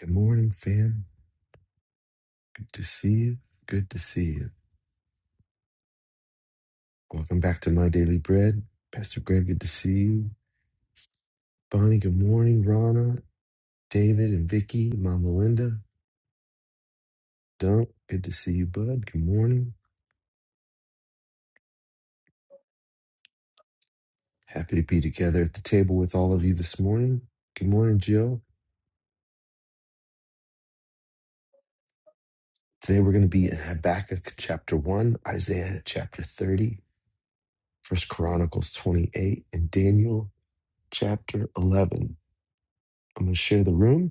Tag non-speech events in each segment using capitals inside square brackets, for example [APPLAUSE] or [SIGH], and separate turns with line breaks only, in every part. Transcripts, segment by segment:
Good morning, fam. Good to see you. Good to see you. Welcome back to My Daily Bread. Pastor Greg, good to see you. Bonnie, good morning. Rana, David, and Vicky, Mama Linda. Dunk, good to see you, bud. Good morning. Happy to be together at the table with all of you this morning. Good morning, Jill. Today we're going to be in Habakkuk chapter 1, Isaiah chapter 30, First Chronicles 28, and Daniel chapter 11. I'm going to share the room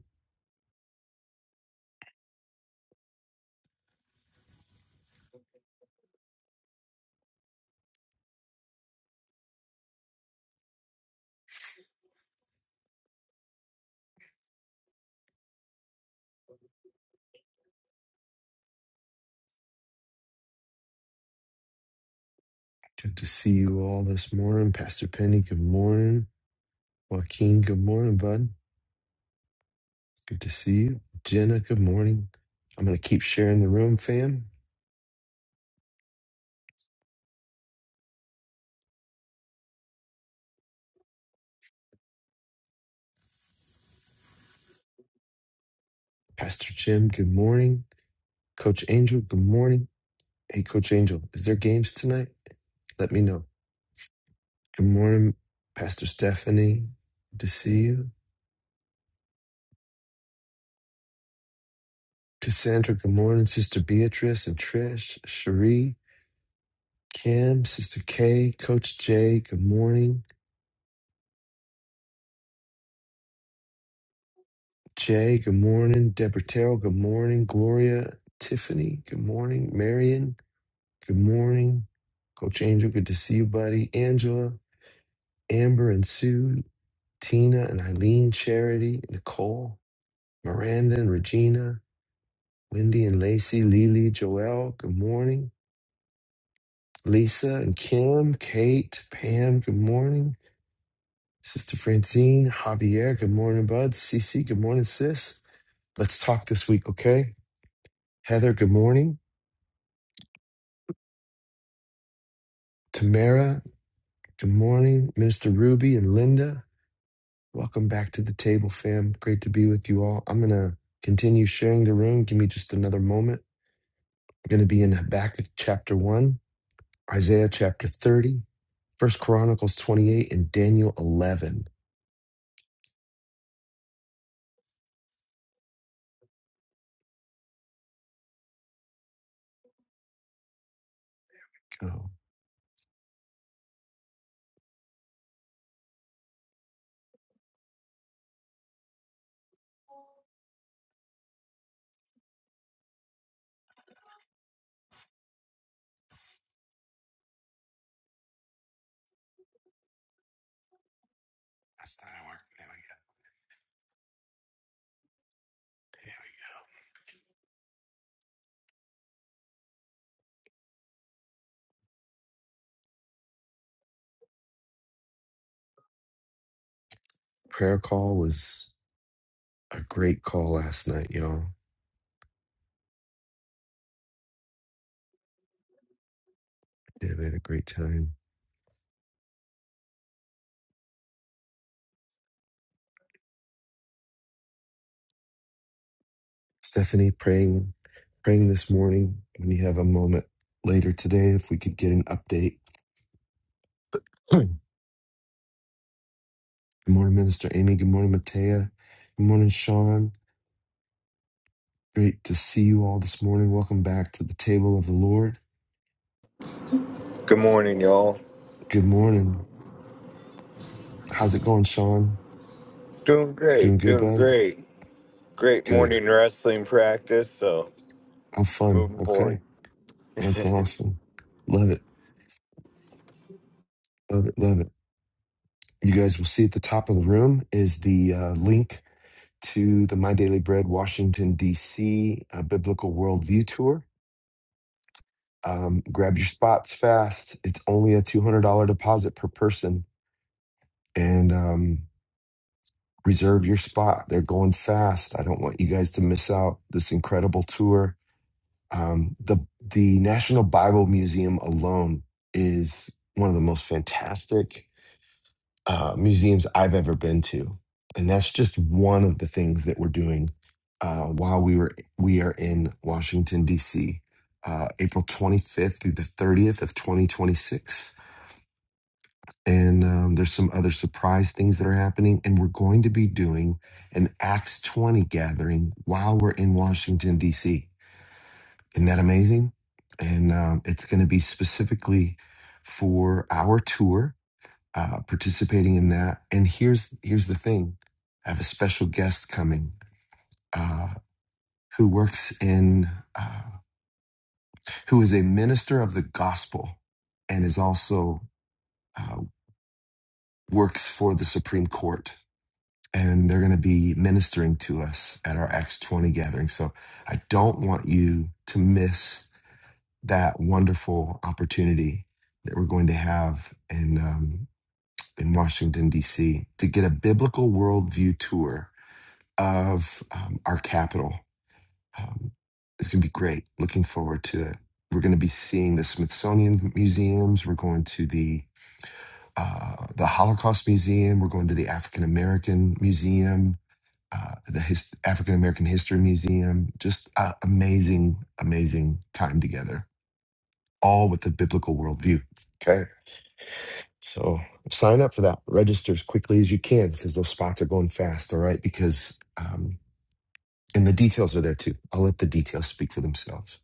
Good to see you all this morning. Pastor Penny, good morning. Joaquin, good morning, bud. Good to see you. Jenna, good morning. I'm going to keep sharing the room, fam. Pastor Jim, good morning. Coach Angel, good morning. Hey, Coach Angel, is there games tonight? Let me know. Good morning, Pastor Stephanie. Good to see you. Cassandra, good morning. Sister Beatrice and Trish, Cherie, Kim, Sister Kay, Coach Jay, good morning. Jay, good morning. Deborah Terrell, good morning. Gloria, Tiffany, good morning. Marion, good morning. Coach Angel, good to see you, buddy. Angela, Amber, and Sue, Tina, and Eileen, Charity, Nicole, Miranda, and Regina, Wendy, and Lacey, Lily, Joelle, good morning. Lisa and Kim, Kate, Pam, good morning. Sister Francine, Javier, good morning, bud. Cece, good morning, sis. Let's talk this week, okay? Heather, good morning. Tamara, good morning. Minister Ruby and Linda, welcome back to the table, fam. Great to be with you all. I'm going to continue sharing the room. Give me just another moment. I'm going to be in Habakkuk chapter 1, Isaiah chapter thirty, First Chronicles 28, and Daniel 11. Go. That's not how I work. There we go. Prayer call was a great call last night, y'all. Yeah, we had a great time. Stephanie, praying, praying this morning. When you have a moment later today, if we could get an update. [CLEARS THROAT] Good morning, Minister Amy. Good morning, Matea. Good morning, Sean. Great to see you all this morning. Welcome back to the table of the Lord.
Good morning, y'all.
Good morning. How's it going, Sean?
Doing
Doing
great,
good,
doing
bud?
great. Great
Good.
morning wrestling practice, so
Have fun.
moving forward.
Okay. That's awesome. Love it. Love it. Love it. You guys will see at the top of the room is the uh, link to the My Daily Bread Washington, D.C. uh, Biblical Worldview Tour. Um, grab your spots fast. It's only a $200 deposit per person and um, reserve your spot. They're going fast. I don't want you guys to miss out this incredible tour. Um, the, the National Bible Museum alone is one of the most fantastic uh, museums I've ever been to, and that's just one of the things that we're doing uh, while we were we are in Washington D.C. Uh, April 25th through the 30th of 2026, and um, there's some other surprise things that are happening, and we're going to be doing an Acts 20 gathering while we're in Washington D.C. Isn't that amazing? And um, it's going to be specifically for our tour uh, participating in that. And here's here's the thing: I have a special guest coming uh, who works in uh, who is a minister of the gospel and is also uh, works for the Supreme Court. And they're going to be ministering to us at our Acts 20 gathering. So I don't want you to miss that wonderful opportunity that we're going to have in um, in Washington D.C. to get a biblical worldview tour of um, our capital. Um, it's going to be great. Looking forward to it. We're going to be seeing the Smithsonian museums. We're going to the uh, the Holocaust Museum. We're going to the African American Museum, uh, the His- African American History Museum. Just uh, amazing, amazing time together, all with a biblical worldview. Okay. So sign up for that. Register as quickly as you can because those spots are going fast. All right. Because um, And the details are there too. I'll let the details speak for themselves.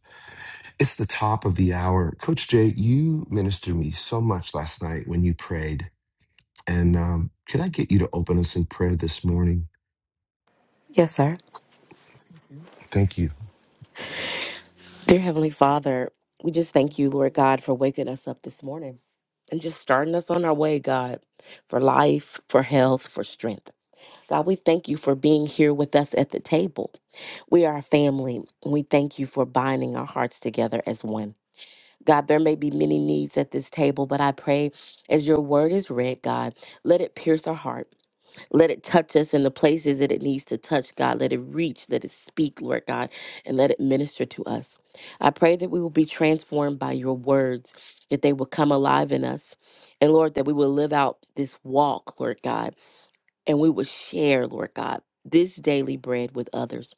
It's the top of the hour. Coach Jay, you ministered me so much last night when you prayed. And um, could I get you to open us in prayer this morning?
Yes, sir.
Thank you.
Dear Heavenly Father, we just thank you, Lord God, for waking us up this morning and just starting us on our way, God, for life, for health, for strength. God, we thank you for being here with us at the table. We are a family, and we thank you for binding our hearts together as one. God, there may be many needs at this table, but I pray as your word is read, God, let it pierce our heart. Let it touch us in the places that it needs to touch, God. Let it reach, let it speak, Lord God, and let it minister to us. I pray that we will be transformed by your words, that they will come alive in us. And Lord, that we will live out this walk, Lord God, and we will share, Lord God, this daily bread with others.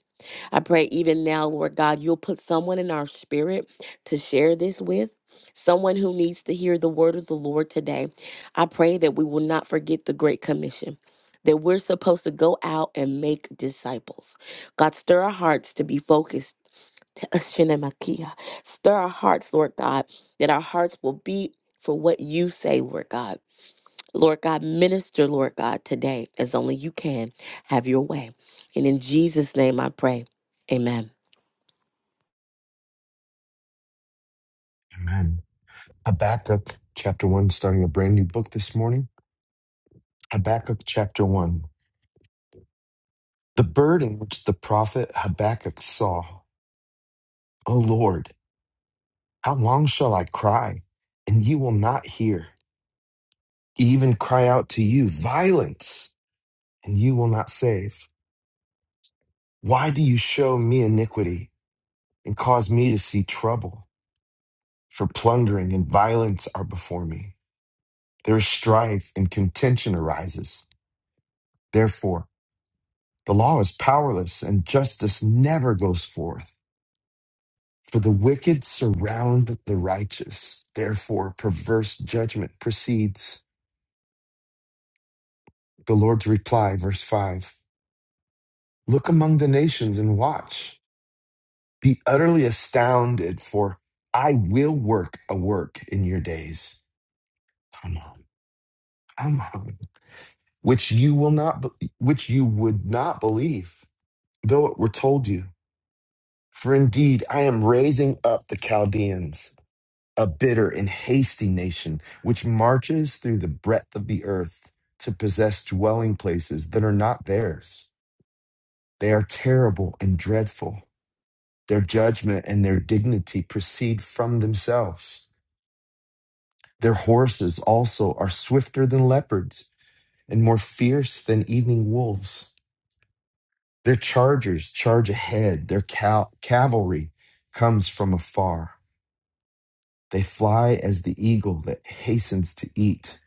I pray even now, Lord God, you'll put someone in our spirit to share this with. Someone who needs to hear the word of the Lord today. I pray that we will not forget the Great Commission, that we're supposed to go out and make disciples. God, stir our hearts to be focused. [LAUGHS] to Shinemakia. Stir our hearts, Lord God, that our hearts will beat for what you say, Lord God. Lord God, minister, Lord God, today as only you can. Have your way. And in Jesus' name I pray. Amen.
Amen. Habakkuk chapter 1, starting a brand new book this morning. Habakkuk chapter 1. The burden which the prophet Habakkuk saw. O Lord, how long shall I cry, and you will not hear? Even cry out to you, violence, and you will not save. Why do you show me iniquity and cause me to see trouble? For plundering and violence are before me. There is strife and contention arises. Therefore, the law is powerless and justice never goes forth. For the wicked surround the righteous. Therefore, perverse judgment proceeds. The Lord's reply, verse 5 Look among the nations and watch. Be utterly astounded, for I will work a work in your days. Come on. I'm which you will not, be- which you would not believe, though it were told you. For indeed, I am raising up the Chaldeans, a bitter and hasty nation, which marches through the breadth of the earth to possess dwelling places that are not theirs. They are terrible and dreadful. Their judgment and their dignity proceed from themselves. Their horses also are swifter than leopards and more fierce than evening wolves. Their chargers charge ahead. Their cal- cavalry comes from afar. They fly as the eagle that hastens to eat.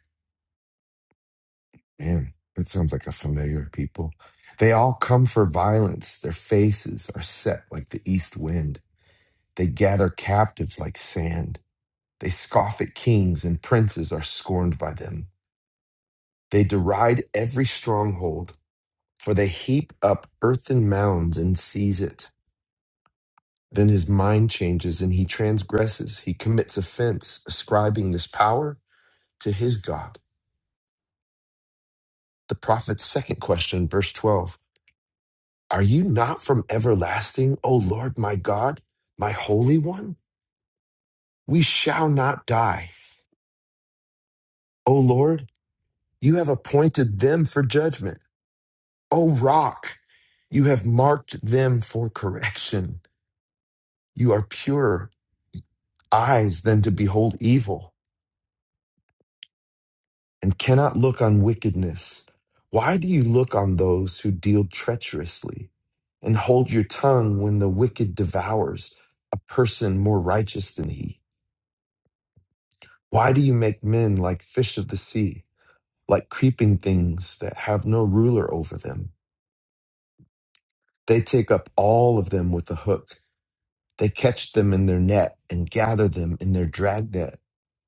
Man, that sounds like a familiar people. They all come for violence. Their faces are set like the east wind. They gather captives like sand. They scoff at kings, and princes are scorned by them. They deride every stronghold, for they heap up earthen mounds and seize it. Then his mind changes and he transgresses. He commits offense, ascribing this power to his God. The prophet's second question, verse 12 Are you not from everlasting, O Lord my God, my Holy One? We shall not die. O Lord, you have appointed them for judgment. O rock, you have marked them for correction. You are purer eyes than to behold evil and cannot look on wickedness. Why do you look on those who deal treacherously and hold your tongue when the wicked devours a person more righteous than he? Why do you make men like fish of the sea, like creeping things that have no ruler over them? They take up all of them with a hook. They catch them in their net and gather them in their dragnet.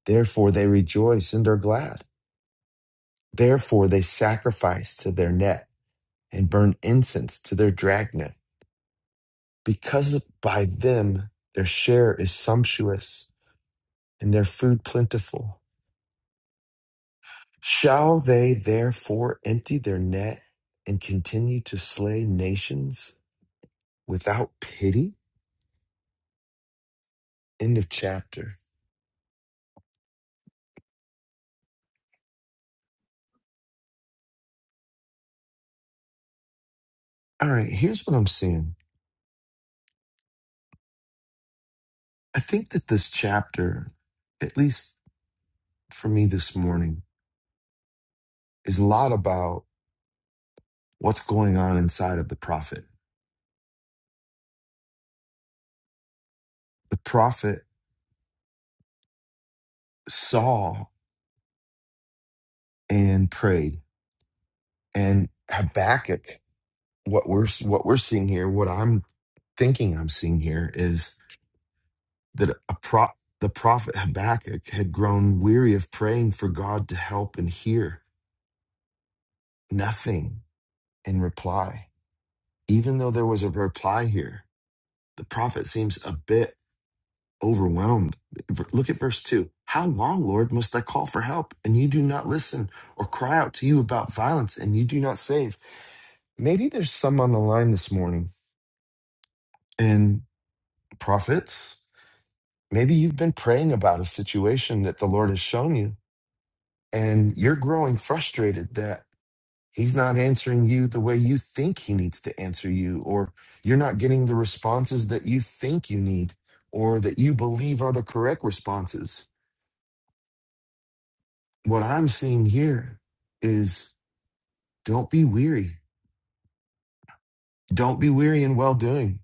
Therefore they rejoice and are glad. Therefore they sacrifice to their net and burn incense to their dragnet, because by them their share is sumptuous and their food plentiful. Shall they therefore empty their net and continue to slay nations without pity? End of chapter. All right, here's what I'm seeing. I think that this chapter, at least for me this morning, is a lot about what's going on inside of the prophet. The prophet saw and prayed and Habakkuk, what we're what we're seeing here, what I'm thinking I'm seeing here is that a pro, the prophet Habakkuk had grown weary of praying for God to help and hear nothing in reply. Even though there was a reply here, the prophet seems a bit overwhelmed. V- Look at verse 2. How long, Lord, must I call for help and you do not listen or cry out to you about violence and you do not save? Maybe there's some on the line this morning. And prophets, maybe you've been praying about a situation that the Lord has shown you, and you're growing frustrated that He's not answering you the way you think He needs to answer you, or you're not getting the responses that you think you need, or that you believe are the correct responses. What I'm seeing here is don't be weary. Don't be weary in well doing.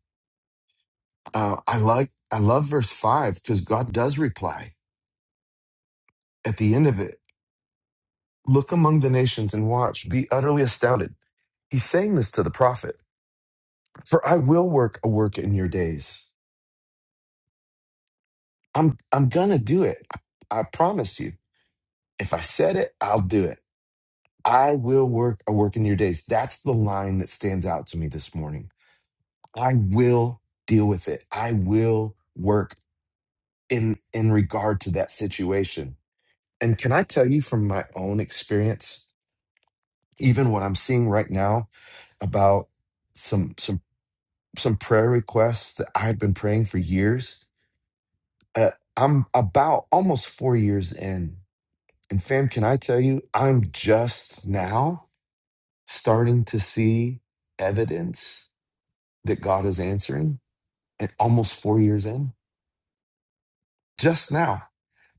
Uh, I like I love verse five because God does reply at the end of it Look among the nations and watch, be utterly astounded. He's saying this to the prophet. For I will work a work in your days. I'm I'm gonna do it. I, I promise you. If I said it, I'll do it. I will work a work in your days. That's the line that stands out to me this morning. I will deal with it. I will work in in regard to that situation. And can I tell you from my own experience, even what I'm seeing right now about some some." some prayer requests that I've been praying for years. Uh, I'm about almost four years in. And fam, can I tell you, I'm just now starting to see evidence that God is answering and almost four years in. Just now.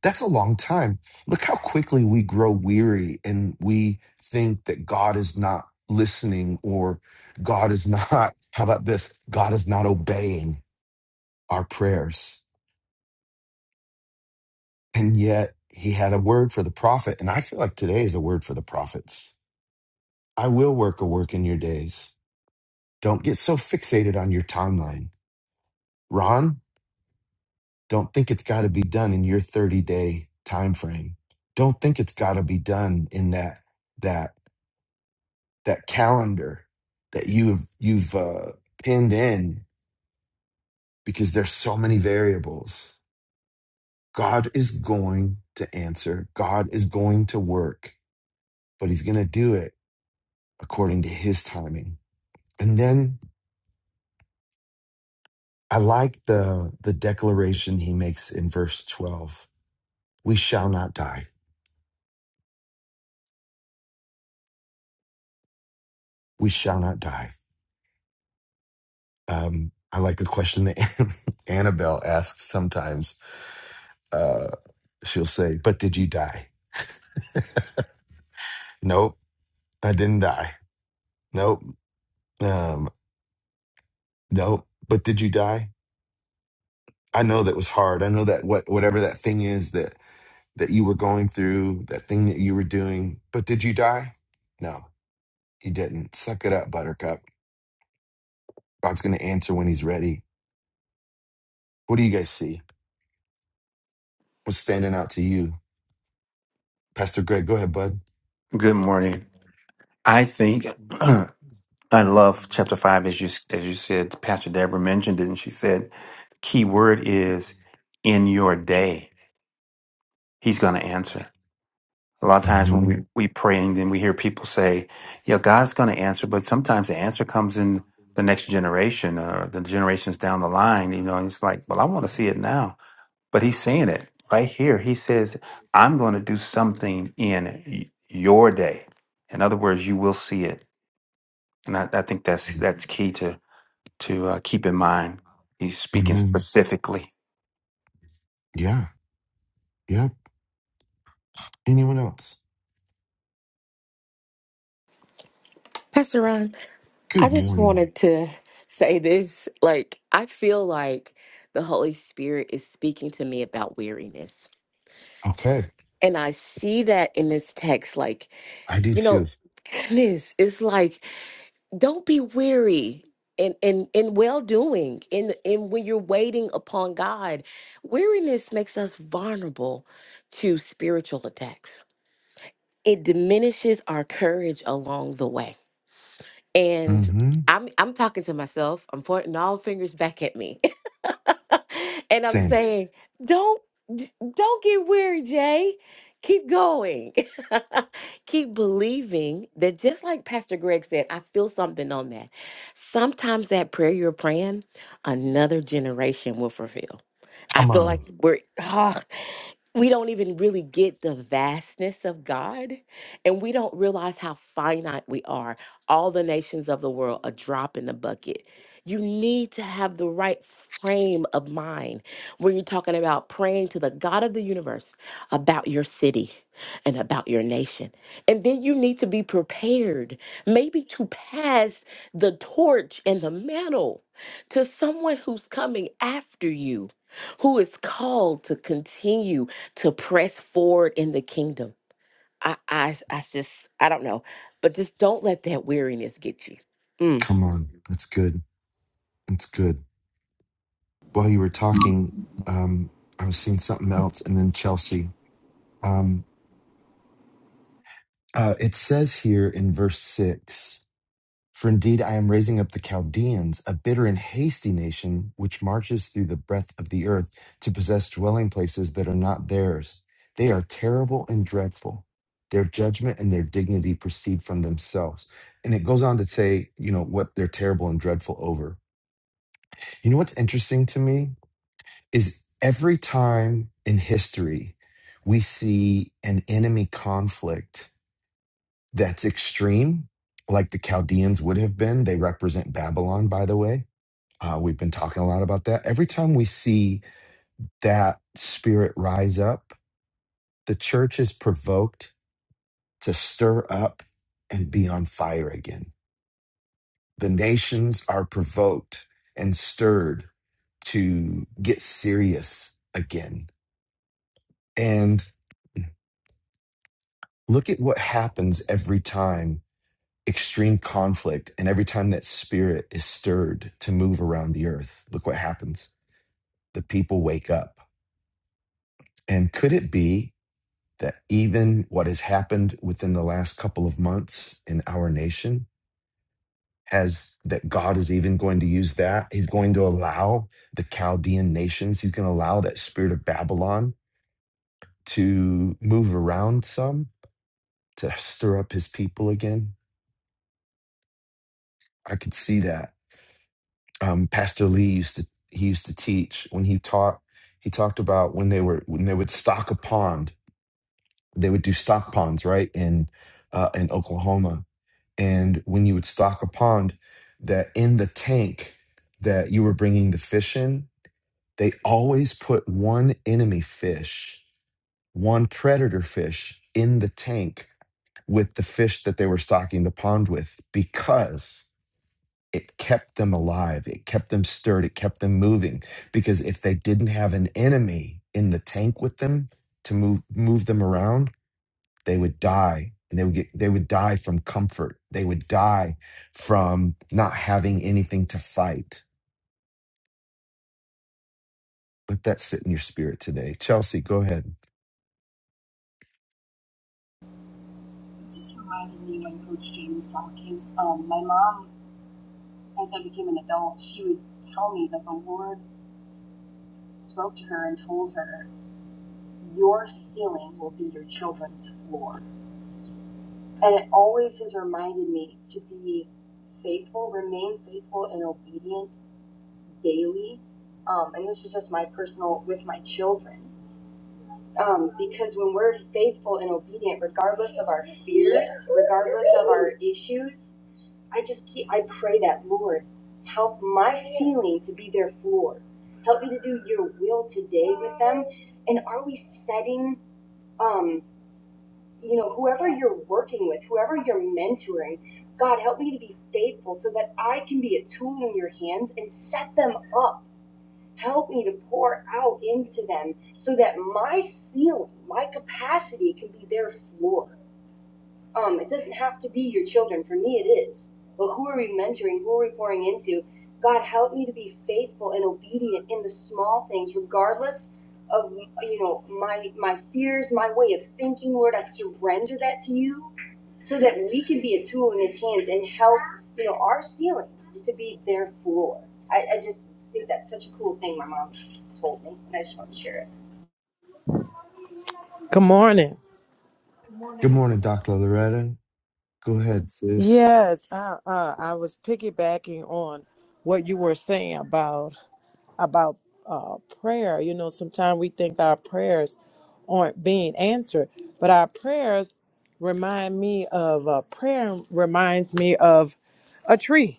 That's a long time. Look how quickly we grow weary and we think that God is not listening or God is not, [LAUGHS] how about this? God is not obeying our prayers And yet he had a word for the prophet. And I feel like today is a word for the prophets. I will work a work in your days. Don't get so fixated on your timeline. Ron, don't think it's got to be done in your 30 day time frame. Don't think it's got to be done in that that that calendar that you've you've uh, pinned in because there's so many variables. God is going to answer. God is going to work, but he's going to do it according to his timing. And then I like the the declaration he makes in verse 12. We shall not die. We shall not die. Um, I like the question that [LAUGHS] Annabelle asks sometimes. Uh, she'll say, But did you die? Nope, I didn't die. Nope. Um, nope. But did you die? I know that was hard. I know that what whatever that thing is that that you were going through, that thing that you were doing, but did you die? No. He didn't. Suck it up, Buttercup. God's going to answer when he's ready. What do you guys see? What's standing out to you? Pastor Greg, go ahead, bud.
Good morning. I think [CLEARS THROAT] I love chapter five, as you as you said. Pastor Deborah mentioned it, and she said the key word is in your day. He's going to answer. A lot of times when
hmm
we we pray, and then we hear people say, "Yeah, God's going to answer," but sometimes the answer comes in the next generation or the generations down the line. You know, and it's like, "Well, I want to see it now," but He's saying it right here. He says, "I'm going to do something in y- your day." In other words, you will see it and I, I think that's that's key to to uh, keep in mind. He's speaking
Amen.
specifically.
Yeah. Yep. Anyone else?
Pastor Ron, I
Good
just
morning.
wanted to say this. Like, I feel like the Holy Spirit is speaking to me about weariness.
Okay.
And I see that in this text. Like,
I do
you know,
too.
goodness, it's like, don't be weary. In, in in well doing in in when you're waiting upon God, weariness makes us vulnerable to spiritual attacks. It diminishes our courage along the way and
Mm-hmm.
I'm I'm talking to myself. I'm pointing all fingers back at me, [LAUGHS] and I'm
Saying it.
saying, "Don't d- don't get weary, Jay. Keep going. [LAUGHS] Keep believing that just like Pastor Greg said, I feel something on that. Sometimes that prayer you're praying, another generation will fulfill. I
Come
feel like
on.
we're ah." we don't even really get the vastness of God, and we don't realize how finite we are. All the nations of the world, a drop in the bucket. You need to have the right frame of mind when you're talking about praying to the God of the universe about your city and about your nation. And then you need to be prepared, maybe to pass the torch and the mantle to someone who's coming after you, who is called to continue to press forward in the kingdom. I, I, I just, I don't know, but just don't let that weariness get you. Mm.
Come on. That's good. That's good. While you were talking, um, I was seeing something else and then Chelsea. Um, Uh, it says here in verse 6 For indeed I am raising up the Chaldeans, a bitter and hasty nation, which marches through the breadth of the earth to possess dwelling places that are not theirs. They are terrible and dreadful. Their judgment and their dignity proceed from themselves. And it goes on to say, you know, what they're terrible and dreadful over. You know what's interesting to me is every time in history we see an enemy conflict that's extreme, like the Chaldeans would have been. They represent Babylon, by the way. Uh, we've been talking a lot about that. Every time we see that spirit rise up, the church is provoked to stir up and be on fire again. The nations are provoked and stirred to get serious again. And look at what happens every time extreme conflict. And every time that spirit is stirred to move around the earth, look what happens. The people wake up. And could it be that even what has happened within the last couple of months in our nation has that God is even going to use that? He's going to allow the Chaldean nations, he's going to allow that spirit of Babylon to move around some to stir up his people again. I could see that um, Pastor Lee used to he used to teach when he taught. He talked about when they were when they would stock a pond. They would do stock ponds, right in uh, in Oklahoma. And when you would stock a pond, that in the tank that you were bringing the fish in, they always put one enemy fish, one predator fish in the tank with the fish that they were stocking the pond with because it kept them alive it kept them stirred it kept them moving because if they didn't have an enemy in the tank with them to move move them around they would die and they would get they would die from comfort they would die from not having anything to fight let that sit in your spirit today chelsea go ahead
just reminded me when Coach Jay was talking. Um, my mom, as I became an adult, she would tell me that the Lord spoke to her and told her, Your ceiling will be your children's floor. And it always has reminded me to be faithful, remain faithful and obedient daily. Um, and this is just my personal with my children. Um, because when we're faithful and obedient, regardless of our fears, regardless of our issues, I just keep, I pray that, Lord, help my ceiling to be their floor. Help me to do your will today with them. And are we setting, um, you know, whoever you're working with, whoever you're mentoring, God, help me to be faithful so that I can be a tool in your hands and set them up. Help me to pour out into them so that my ceiling, my capacity can be their floor. Um, it doesn't have to be your children. For me, it is. But who are we mentoring? Who are we pouring into? God, help me to be faithful and obedient in the small things, regardless of you know my my fears, my way of thinking. Lord, I surrender that to you, so that we can be a tool in His hands and help you know our ceiling to be their floor. I, I just think that's such a cool thing my mom told me, and I just want to share it.
Good morning.
good morning dr loretta go ahead sis
Yes, I uh, I was piggybacking on what you were saying about about uh, prayer. You know, sometimes we think our prayers aren't being answered, but our prayers remind me of uh, prayer reminds me of a tree.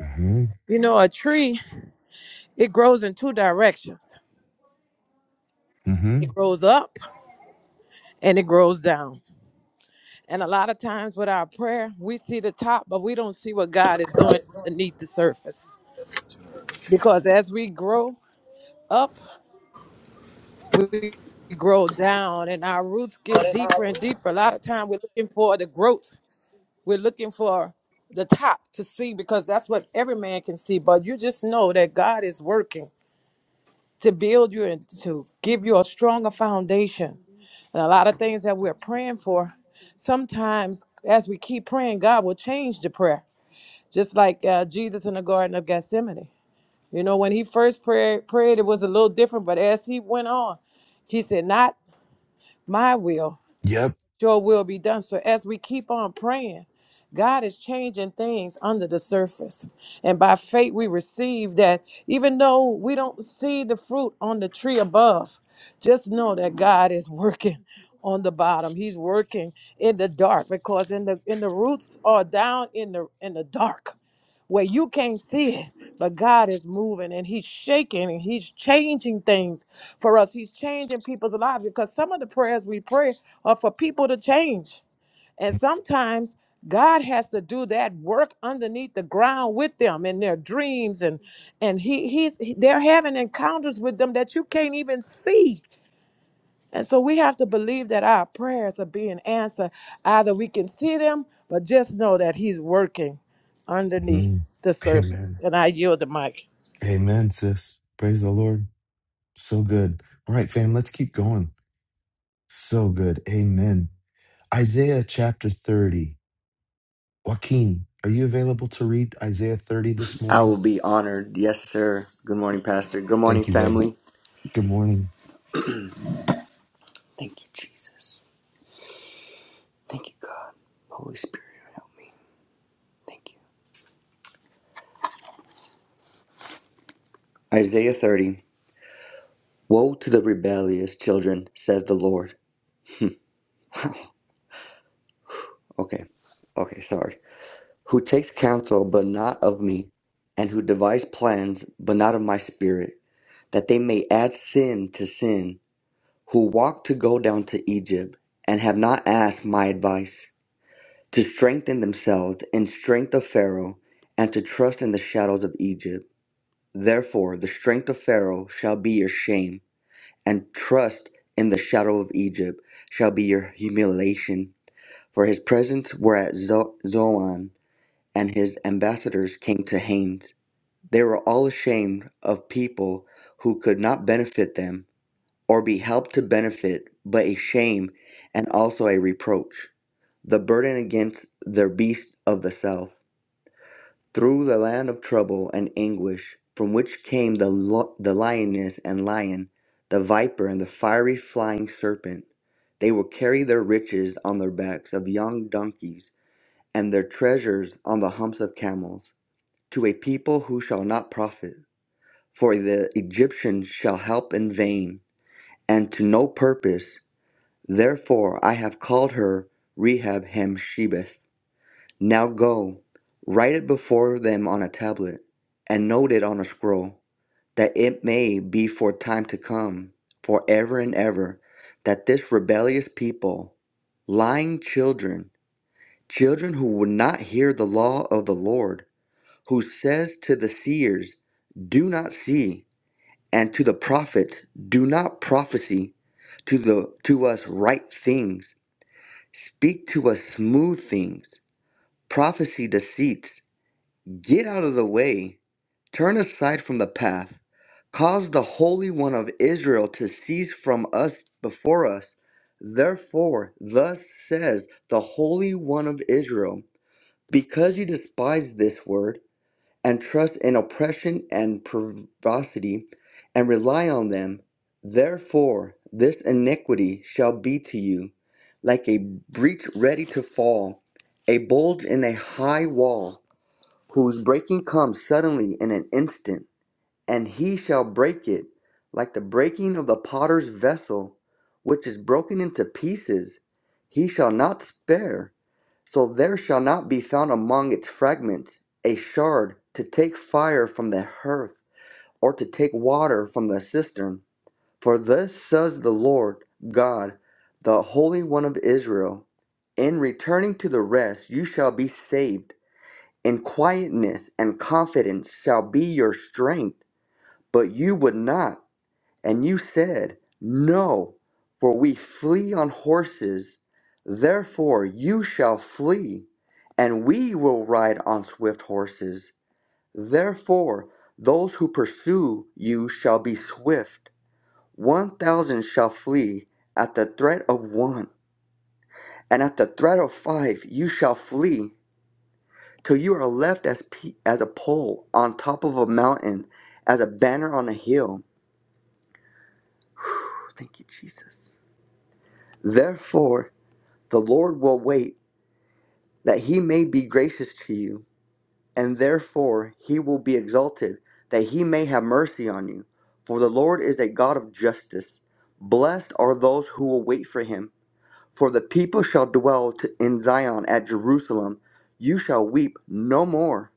mm-hmm
You know, a tree it grows in two directions.
mm-hmm
It grows up and it grows down. And a lot of times with our prayer, we see the top, but we don't see what God is doing underneath the surface. because as we grow up, we grow down and our roots get deeper and deeper. A lot of time we're looking for the growth. We're looking for the top to see because that's what every man can see. But you just know that God is working to build you and to give you a stronger foundation. And a lot of things that we're praying for, sometimes as we keep praying, God will change the prayer. Just like uh, Jesus in the Garden of Gethsemane. You know, when he first prayed, prayed, it was a little different, but as he went on, He said, Not my will,
yep
your will be done. So as we keep on praying, God is changing things under the surface. And by faith, we receive that even though we don't see the fruit on the tree above, just know that God is working [LAUGHS] on the bottom. He's working in the dark because in the in the roots are down in the in the dark where you can't see it, but God is moving and He's shaking and He's changing things for us. He's changing people's lives because some of the prayers we pray are for people to change. And sometimes God has to do that work underneath the ground with them in their dreams and and he he's he- they're having encounters with them that you can't even see and so we have to believe that our prayers are being answered. Either we can see them, but just know that He's working underneath
mm-hmm
the surface.
amen
And I yield the mic.
amen sis praise the lord So good. All right, fam, let's keep going. So good. Amen. Isaiah chapter 30. Joaquin, are you available to read Isaiah 30 this
I will
morning?
be honored. Yes, sir. Good morning, Pastor. Good morning,
Thank you, bud.
family.
Good morning.
Thank you, Jesus. Thank you, God. Holy Spirit, help me. Thank you. Isaiah 30. Woe to the rebellious children, says the Lord. Okay. Okay, sorry. Who takes counsel, but not of me, and who devise plans, but not of my spirit, that they may add sin to sin, who walk to go down to Egypt, and have not asked my advice to strengthen themselves in strength of Pharaoh, and to trust in the shadows of Egypt. Therefore, the strength of Pharaoh shall be your shame, and trust in the shadow of Egypt shall be your humiliation. For his presents were at Zo- Zoan, and his ambassadors came to Hanes. They were all ashamed of people who could not benefit them or be helped to benefit, but a shame and also a reproach, the burden against their beasts of the south through the land of trouble and anguish, from which came the, lo- the lioness and lion, the viper and the fiery flying serpent. They will carry their riches on their backs of young donkeys, and their treasures on the humps of camels, to a people who shall not profit. For the Egyptians shall help in vain, and to no purpose. Therefore I have called her Rehab Hemshebeth now go, write it before them on a tablet, and note it on a scroll, that it may be for time to come, for ever and ever, that this rebellious people, lying children, children who would not hear the law of the Lord, who says to the seers, Do not see, and to the prophets, Do not prophesy, to the to us right things, speak to us smooth things, prophecy deceits Get out of the way, turn aside from the path, cause the Holy One of Israel to cease from us before us. Therefore, thus says the Holy One of Israel, because you despise this word, and trust in oppression and perversity, and rely on them, therefore this iniquity shall be to you like a breach ready to fall, a bulge in a high wall whose breaking comes suddenly in an instant, and he shall break it, like the breaking of the potter's vessel, which is broken into pieces. He shall not spare, so there shall not be found among its fragments a shard to take fire from the hearth, or to take water from the cistern. For thus says the Lord God, the Holy One of Israel In returning to the rest you shall be saved and quietness and confidence shall be your strength. But you would not, and you said, No, for we flee on horses. Therefore you shall flee, and we will ride on swift horses. Therefore those who pursue you shall be swift. One thousand shall flee at the threat of one, and at the threat of five you shall flee. till you are left as pe- as a pole on top of a mountain, as a banner on a hill. Thank you, Jesus. Therefore, the Lord will wait that he may be gracious to you, and therefore he will be exalted that he may have mercy on you. For the Lord is a God of justice. Blessed are those who will wait for him. For the people shall dwell t- in Zion at Jerusalem. You shall weep no more.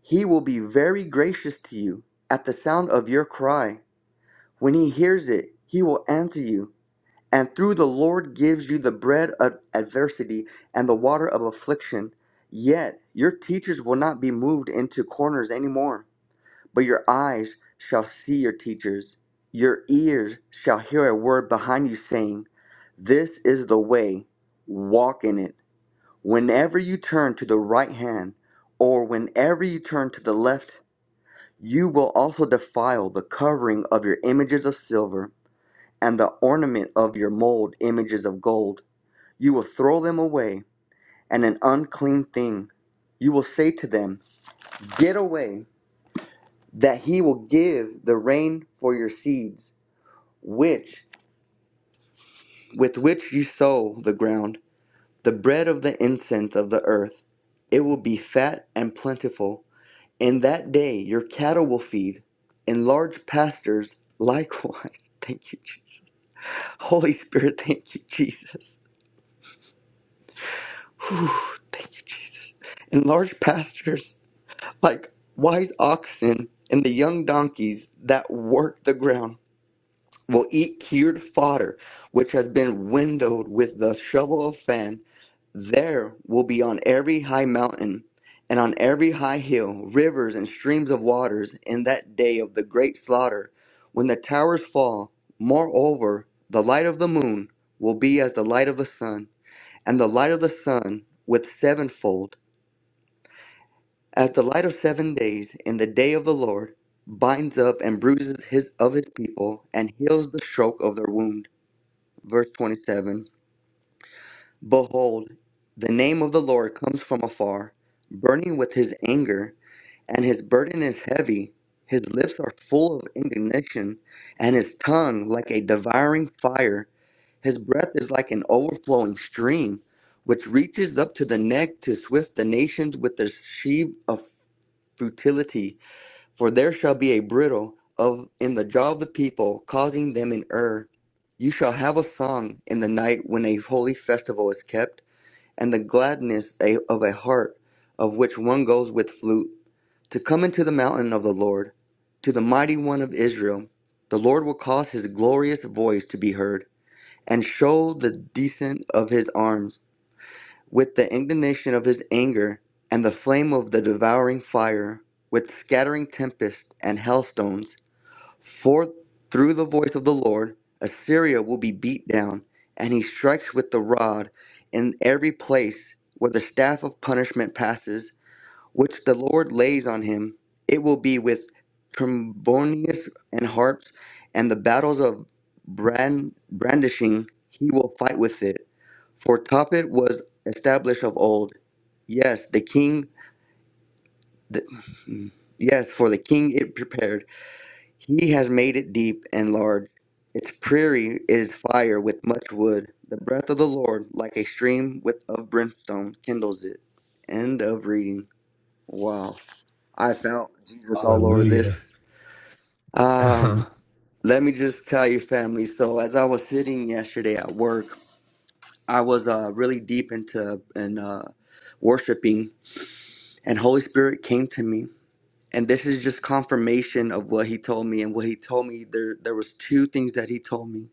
He will be very gracious to you at the sound of your cry. When he hears it, he will answer you. And through the Lord gives you the bread of adversity and the water of affliction. Yet your teachers will not be moved into corners anymore, but your eyes shall see your teachers. Your ears shall hear a word behind you saying, This is the way, walk in it. Whenever you turn to the right hand, or whenever you turn to the left you will also defile the covering of your images of silver, and the ornament of your mold images of gold. You will throw them away, and an unclean thing. You will say to them, Get away, that he will give the rain for your seeds, which with which you sow the ground, the bread of the incense of the earth. It will be fat and plentiful. In that day your cattle will feed, in large pastures likewise. [LAUGHS] Thank you, Jesus. Holy Spirit, thank you, Jesus. Whew, thank you, Jesus. In large pastures like wise oxen, and the young donkeys that work the ground will eat cured fodder, which has been windowed with the shovel of fan. There will be on every high mountain and on every high hill rivers and streams of waters in that day of the great slaughter, when the towers fall. Moreover, the light of the moon will be as the light of the sun and the light of the sun with sevenfold, as the light of seven days in the day of the Lord binds up and bruises his of his people and heals the stroke of their wound. Verse 27 Behold, the name of the Lord comes from afar, burning with his anger and his burden is heavy. His lips are full of indignation, and his tongue like a devouring fire. His breath is like an overflowing stream, which reaches up to the neck to swift the nations with the sheave of futility. For there shall be a brittle of in the jaw of the people, causing them in error. You shall have a song in the night when a holy festival is kept and the gladness of a heart of which one goes with flute, to come into the mountain of the Lord, to the mighty one of Israel. The Lord will cause his glorious voice to be heard, and show the descent of his arms, with the indignation of his anger, and the flame of the devouring fire, with scattering tempest and hailstones. For through the voice of the Lord, Assyria will be beat down, and he strikes with the rod in every place where the staff of punishment passes, which the Lord lays on him. It will be with trombonius and harps, and the battles of brand, brandishing he will fight with it. For Tophet was established of old. Yes, the king, the, [LAUGHS] yes, for the king it prepared. He has made it deep and large. Its prairie is fire with much wood. The breath of the Lord, like a stream with of brimstone, kindles it. End of reading. Wow. I found Jesus all over
Hallelujah. [LAUGHS]
this.
Uh-huh.
Um let me just tell you, family. So as I was sitting yesterday at work, I was uh really deep into and uh worshiping and Holy Spirit came to me and this is just confirmation of what he told me and what he told me there there was two things that he told me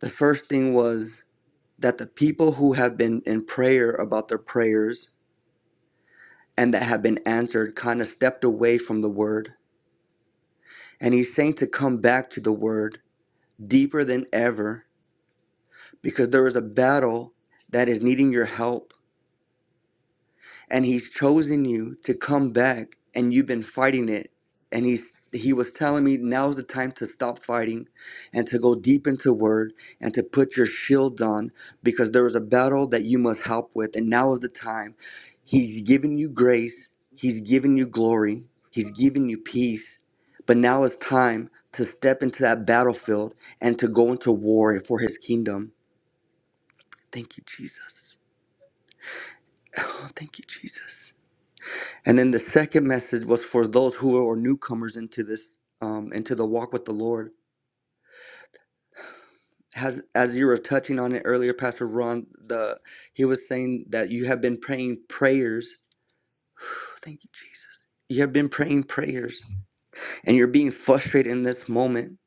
the first thing was that the people who have been in prayer about their prayers and that have been answered kind of stepped away from the word and he's saying to come back to the word deeper than ever because there is a battle that is needing your help and he's chosen you to come back and you've been fighting it and he's he was telling me now's the time to stop fighting and to go deep into word and to put your shield on because there is a battle that you must help with and now is the time he's given you grace he's given you glory he's given you peace but now it's time to step into that battlefield and to go into war for his kingdom thank you jesus [LAUGHS] oh, thank you jesus And then the second message was for those who are newcomers into this, um, into the walk with the Lord. As, as you were touching on it earlier, Pastor Ron, the he was saying that you have been praying prayers. Oh, Thank you, Jesus. You have been praying prayers, and you're being frustrated in this moment,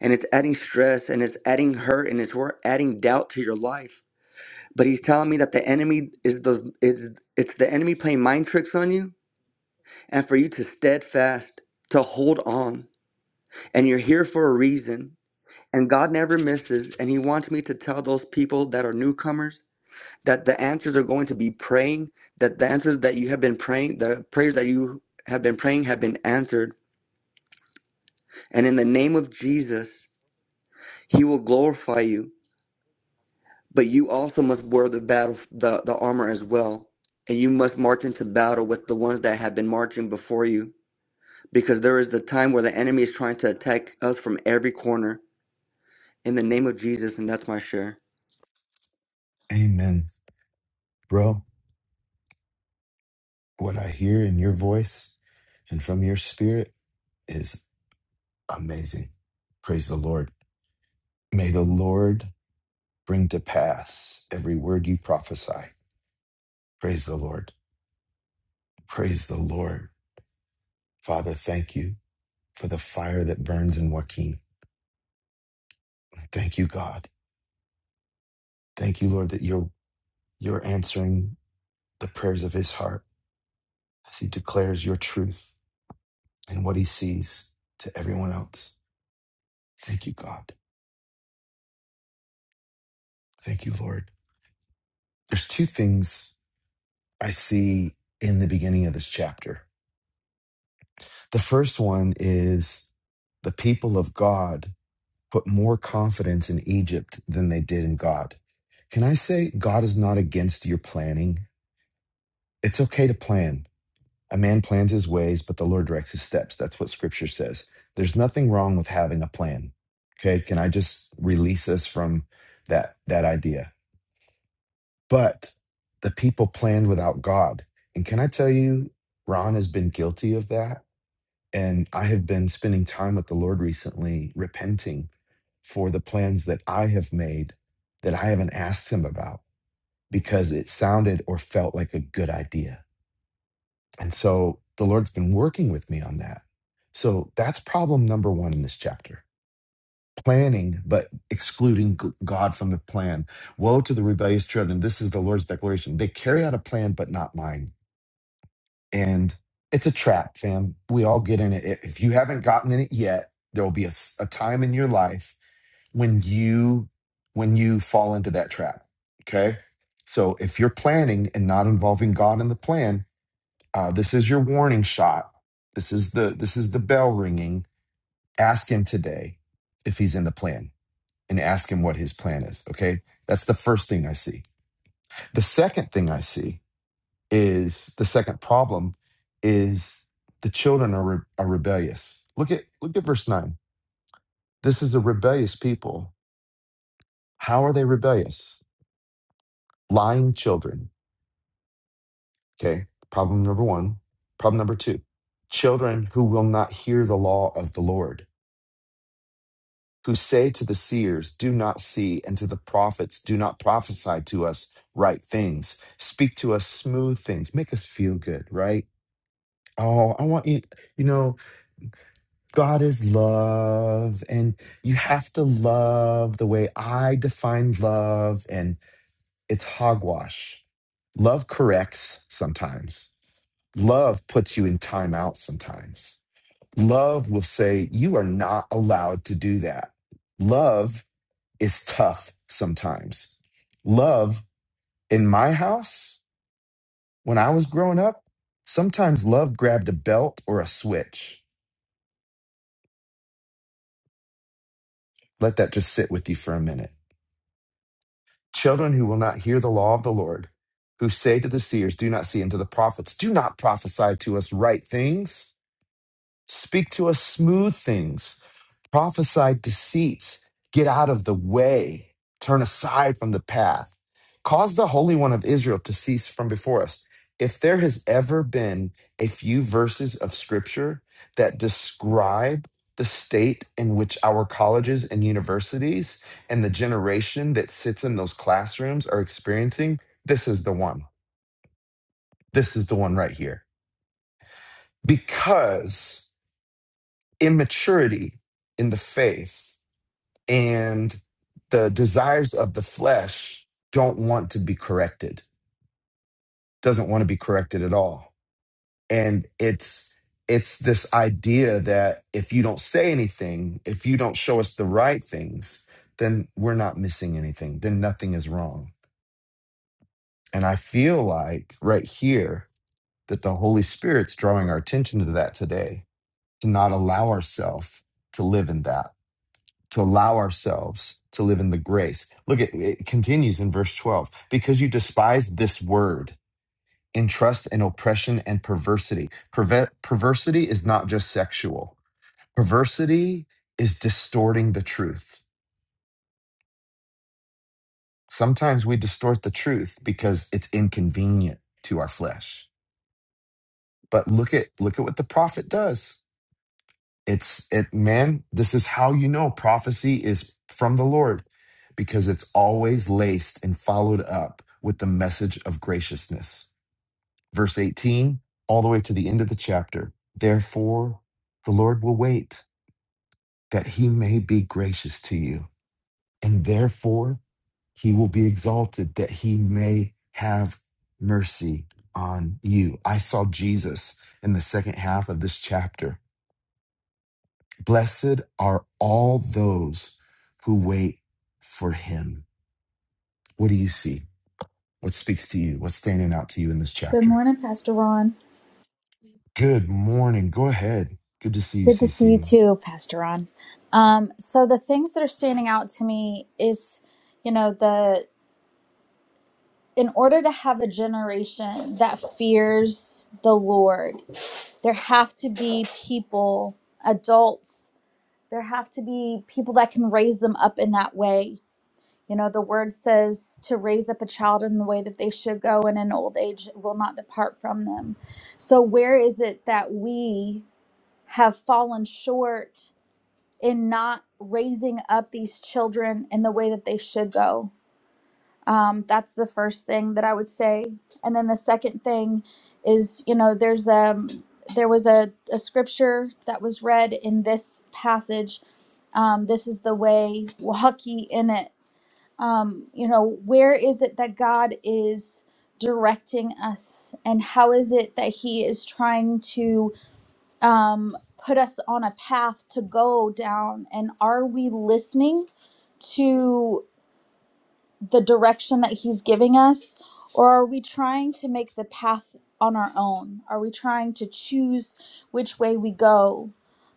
and it's adding stress, and it's adding hurt, and it's we're adding doubt to your life. But he's telling me that the enemy is the is it's the enemy playing mind tricks on you, and for you to steadfast to hold on and you're here for a reason. And God never misses. And He wants me to tell those people that are newcomers that the answers are going to be praying, that the answers that you have been praying, the prayers that you have been praying have been answered. And in the name of Jesus, He will glorify you. But you also must wear the battle, the, the armor as well. And you must march into battle with the ones that have been marching before you. Because there is the time where the enemy is trying to attack us from every corner. In the name of Jesus, and that's my share.
Amen. Bro, what I hear in your voice and from your spirit is amazing. Praise the Lord. May the Lord bring to pass every word you prophesy. Praise the Lord. Praise the Lord. Father, thank you. for the fire that burns in Joaquin. Thank you, God. Thank you, Lord, that you're you're answering the prayers of his heart as he declares your truth and what he sees to everyone else. Thank you, God. Thank you, Lord. There's two things I see in the beginning of this chapter. The first one is the people of God put more confidence in Egypt than they did in God. Can I say God is not against your planning? It's okay to plan A man plans his ways, but the Lord directs his steps. That's what scripture says. There's nothing wrong with having a plan. Okay. Can I just release us from that, that idea? But the people planned without God. And can I tell you, Ron has been guilty of that. And I have been spending time with the Lord recently, repenting for the plans that I have made that I haven't asked him about because it sounded or felt like a good idea And so the Lord's been working with me on that. So that's problem number one in this chapter planning, but excluding G- God from the plan. Woe to the rebellious children. This is the Lord's declaration. They carry out a plan, but not mine. And it's a trap, fam. We all get in it. If if you haven't gotten in it yet, there will be a, s- a time in your life when you when you fall into that trap. Okay. So if you're planning and not involving God in the plan, uh, this is your warning shot. This is the this is the bell ringing. Ask him today if he's in the plan, and ask him what his plan is. Okay, that's the first thing I see. The second thing I see is the second problem is the children are re- are rebellious. Look at look at verse nine. This is a rebellious people. How are they rebellious? Lying children. Okay, problem number one. Problem number two. Children who will not hear the law of the Lord who say to the seers, Do not see, and to the prophets, Do not prophesy to us right things. Speak to us smooth things. Make us feel good, right? Oh, I want you, you know, God is love, and you have to love the way I define love, and it's hogwash. Love corrects sometimes, love puts you in timeout sometimes. Love will say, You are not allowed to do that. Love is tough sometimes. Love in my house, when I was growing up, sometimes love grabbed a belt or a switch. Let that just sit with you for a minute. Children who will not hear the law of the Lord, who say to the seers, Do not see, and to the prophets, Do not prophesy to us right things. Speak to us smooth things. Prophesy deceits. Get out of the way. Turn aside from the path. Cause the Holy One of Israel to cease from before us. If there has ever been a few verses of scripture that describe the state in which our colleges and universities and the generation that sits in those classrooms are experiencing, this is the one. This is the one right here. Because immaturity in the faith and the desires of the flesh don't want to be corrected doesn't want to be corrected at all and it's it's this idea that if you don't say anything if you don't show us the right things then we're not missing anything then nothing is wrong and i feel like right here that the holy spirit's drawing our attention to that today to not allow ourselves to live in that to allow ourselves to live in the grace. Look, it, it continues in verse 12 because you despise this word, entrust in oppression and perversity. Perve- perversity is not just sexual, perversity is distorting the truth. Sometimes we distort the truth because it's inconvenient to our flesh. But look at look at what the prophet does. It's it man, this is how you know prophecy is from the Lord because it's always laced and followed up with the message of graciousness. Verse 18 all the way to the end of the chapter. Therefore the Lord will wait that he may be gracious to you and therefore he will be exalted that he may have mercy on you. I saw Jesus in the second half of this chapter Blessed are all those who wait for him. What do you see? What speaks to you? What's standing out to you in this
Good
chapter?
morning, Pastor Ron.
Good morning. Go ahead. Good to see you,
Good to see you
CC.
too, Pastor Ron. Um, so the things that are standing out to me is, you know, the in order to have a generation that fears the Lord, there have to be people, adults, there have to be people that can raise them up in that way. You know, the word says to raise up a child in the way that they should go, and in old age will not depart from them. So, where is it that we have fallen short in not raising up these children in the way that they should go. Um, that's the first thing that I would say. And then the second thing is, you know, there's um there was a, a scripture that was read in this passage. Um, this is the way, walk ye in it. Um, you know, where is it that God is directing us and how is it that He is trying to um, put us on a path to go down. And are we listening to the direction that He's giving us? Or are we trying to make the path on our own? Are we trying to choose which way we go?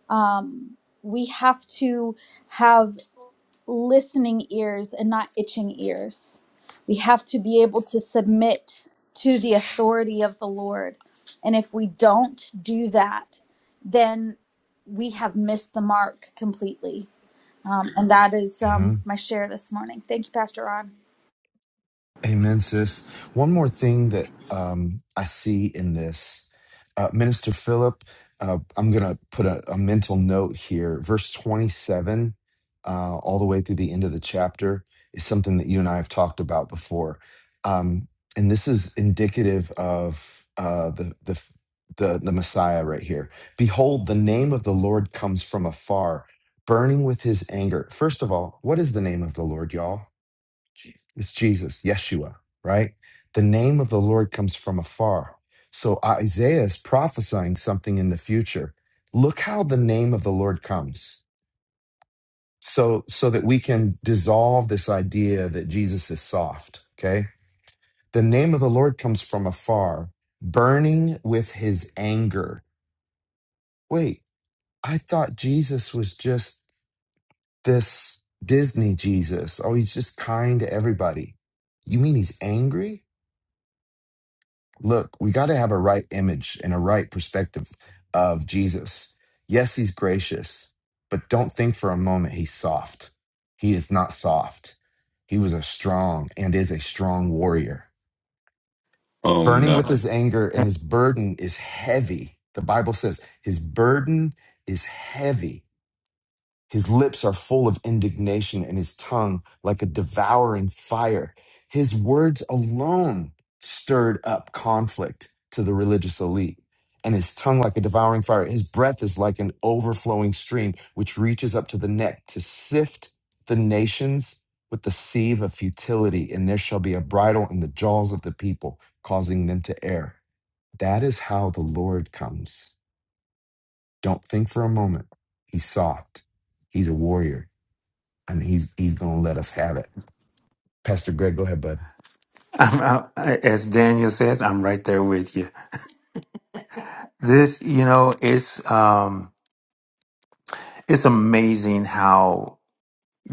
Um, we have to have listening ears and not itching ears. We have to be able to submit to the authority of the Lord. And if we don't do that, then we have missed the mark completely. Um, and that is um, my share this morning. Thank you, Pastor Ron.
Amen, sis. One more thing that um, I see in this, uh, Minister Philip, uh, I'm going to put a, a mental note here. Verse 27, uh, all the way through the end of the chapter, is something that you and I have talked about before. Um, and this is indicative of uh, the, the, the, the Messiah right here. Behold, the name of the Lord comes from afar, burning with his anger. First of all, what is the name of the Lord, y'all? Is Jesus, Yeshua, right? The name of the Lord comes from afar. So Isaiah is prophesying something in the future. Look how the name of the Lord comes. So so that we can dissolve this idea that Jesus is soft, okay? The name of the Lord comes from afar, burning with his anger. Wait, I thought Jesus was just this Disney Jesus. Oh, he's just kind to everybody. You mean he's angry? look, we got to have a right image and a right perspective of Jesus. Yes, he's gracious, but don't think for a moment he's soft. He is not soft. He was a strong and is a strong warrior,
Oh
burning with
no.
his anger, and his burden is heavy. The Bible says his burden is heavy his lips are full of indignation and his tongue like a devouring fire. His words alone stirred up conflict to the religious elite, and his tongue like a devouring fire. His breath is like an overflowing stream which reaches up to the neck to sift the nations with the sieve of futility, and there shall be a bridle in the jaws of the people, causing them to err. That is how the Lord comes. Don't think for a moment. He's soft, he's a warrior and he's he's gonna let us have it. Pastor Greg, go ahead, bud.
I'm, I, I- as Daniel says, I'm right there with you. This, you know, it's um, it's amazing how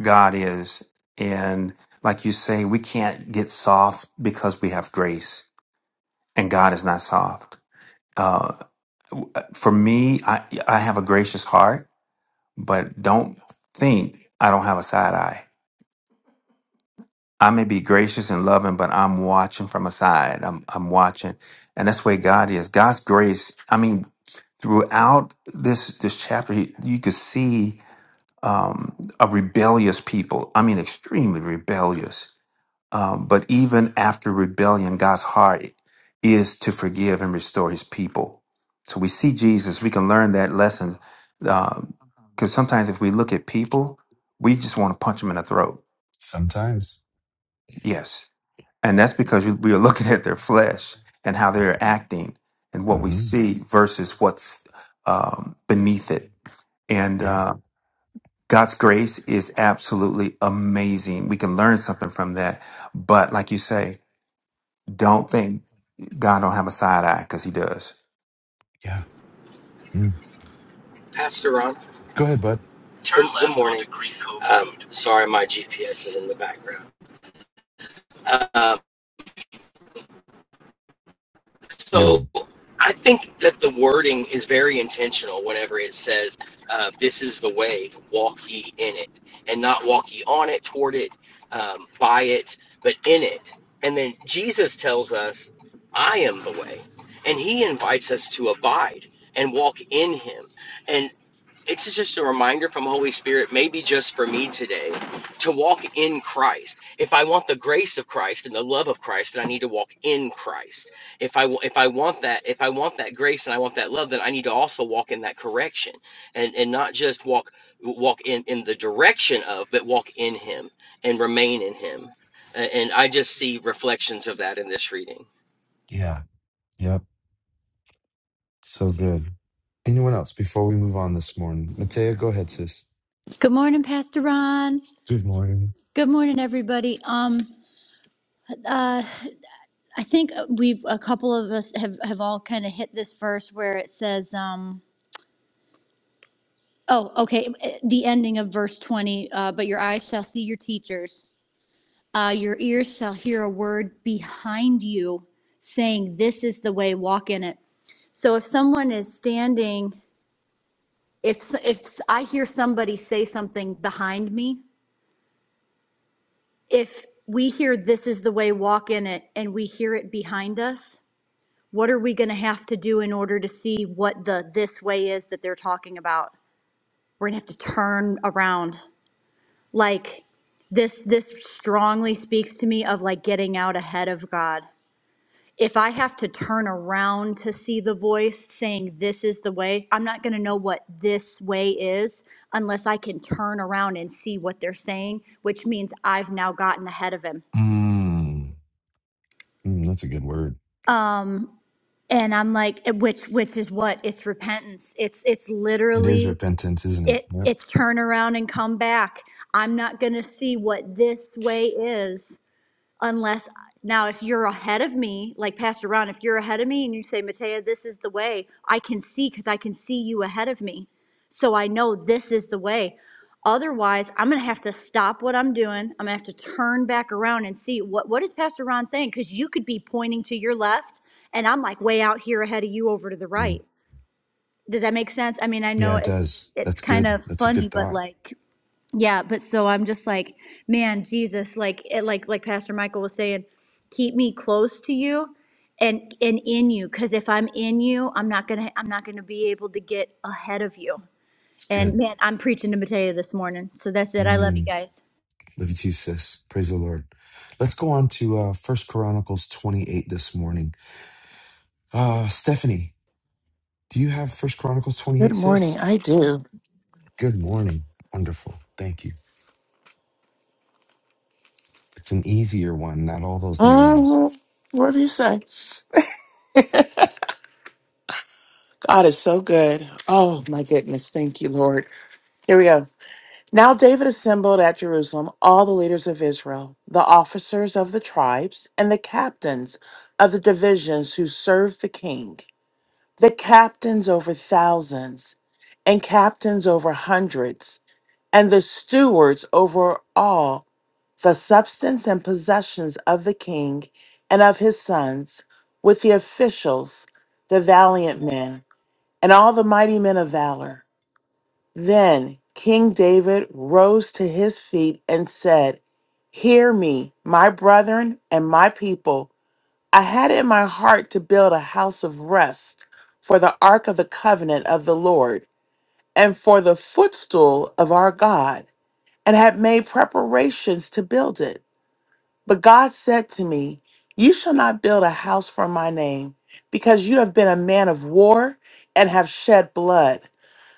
God is, and like you say, we can't get soft because we have grace, and God is not soft. Uh, for me, I I have a gracious heart, but don't think I don't have a side eye I may be gracious and loving, but I'm watching from aside. I'm I'm watching, and that's where God is. God's grace. I mean, throughout this this chapter, he, you could see um, a rebellious people. I mean, extremely rebellious. Um, but even after rebellion, God's heart is to forgive and restore His people. So we see Jesus. We can learn that lesson because sometimes if we look at people, we just want to punch them in the throat.
Sometimes.
Yes and that's because we we are looking at their flesh and how they're acting and what we
hmm
see versus what's um, beneath it. And
Yeah.
uh, God's grace is absolutely amazing. We can learn something from that. But like you say, don't think God don't have a side eye because he does.
Yeah. Mm.
Pastor Ron,
Go ahead, bud.
Turn good, left good morning. onto Green Cove Um, Road. sorry, my GPS is in the background. Uh,
You're
so I think that the wording is very intentional whenever it says, uh, This is the way, walk ye in it, and not walk ye on it, toward it, um, by it, but in it. And then Jesus tells us, I am the way. And he invites us to abide and walk in him. And it's just a reminder from Holy Spirit, maybe just for me today, to walk in Christ. If I want the grace of Christ and the love of Christ, then I need to walk in Christ. If I if I want that, if I want that grace and I want that love, then I need to also walk in that correction and and not just walk walk in in the direction of, but walk in Him and remain in Him. A- And I just see reflections of that in this reading.
yeah. Yep. So good. Anyone else before we move on this morning? Matea, go ahead, sis.
Good morning, Pastor Ron.
Good morning.
Good morning, everybody. Um, I think we've a couple of us have have all kind of hit this verse where it says, um, "Oh, okay, eh, the ending of verse twenty. Uh, but your eyes shall see your teachers, uh, your ears shall hear a word behind you, saying, This is the way, walk in it.' So if someone is standing, if if I hear somebody say something behind me, if we hear this is the way walk in it and we hear it behind us, What are we going to have to do in order to see what the this way is that they're talking about? We're going to have to turn around. Like this this strongly speaks to me of like getting out ahead of God. If I have to turn around to see the voice saying this is the way, I'm not going to know what this way is unless I can turn around and see what they're saying, which means I've now gotten ahead of him
Mm. Mm, that's a good word.
um and i'm like eh, which which is what it's repentance it's it's
It is
literally
repentance, isn't it?
it,
Yep.
it's turn around and come back. I'm not going to see what this way is unless, now, if you're ahead of me, like Pastor Ron, if you're ahead of me and you say, Matea, this is the way, I can see because I can see you ahead of me. So I know this is the way. Otherwise, I'm going to have to stop what I'm doing. I'm going to have to turn back around and see what, what is Pastor Ron saying? Because you could be pointing to your left and I'm like way out here ahead of you over to the
Mm.
right. Does that make sense? I mean, I know
Yeah, it
it,
does.
it's
That's
kind
good.
of
That's a good
funny, but
thought.
like, yeah, but so I'm just like, man, Jesus, like, it, like, like Pastor Michael was saying, keep me close to you and, and in you. Cause if I'm in you, I'm not going to, I'm not going to be able to get ahead of you.
It's
And
good.
man, I'm preaching to Mateo this morning. So that's it. I love you
Amen.
guys.
Love you too, sis. Praise the Lord. Let's go on to uh First Chronicles 28 this morning. Uh Stephanie, do you have First Chronicles
Good
28,
morning.
sis?
I do.
Good morning. Wonderful. Thank you. It's an easier one, not all those names.
Um, whatever you say. God is so good. Oh, my goodness. Thank you, Lord. Here we go. Now David assembled at Jerusalem all the leaders of Israel, the officers of the tribes, and the captains of the divisions who served the king, the captains over thousands, and captains over hundreds, and the stewards over all. the substance and possessions of the king and of his sons, with the officials, the valiant men, and all the mighty men of valor. Then King David rose to his feet and said, Hear me, my brethren and my people. I had it in my heart to build a house of rest for the ark of the covenant of the Lord and for the footstool of our God, and had made preparations to build it. But God said to me, You shall not build a house for my name, because you have been a man of war and have shed blood.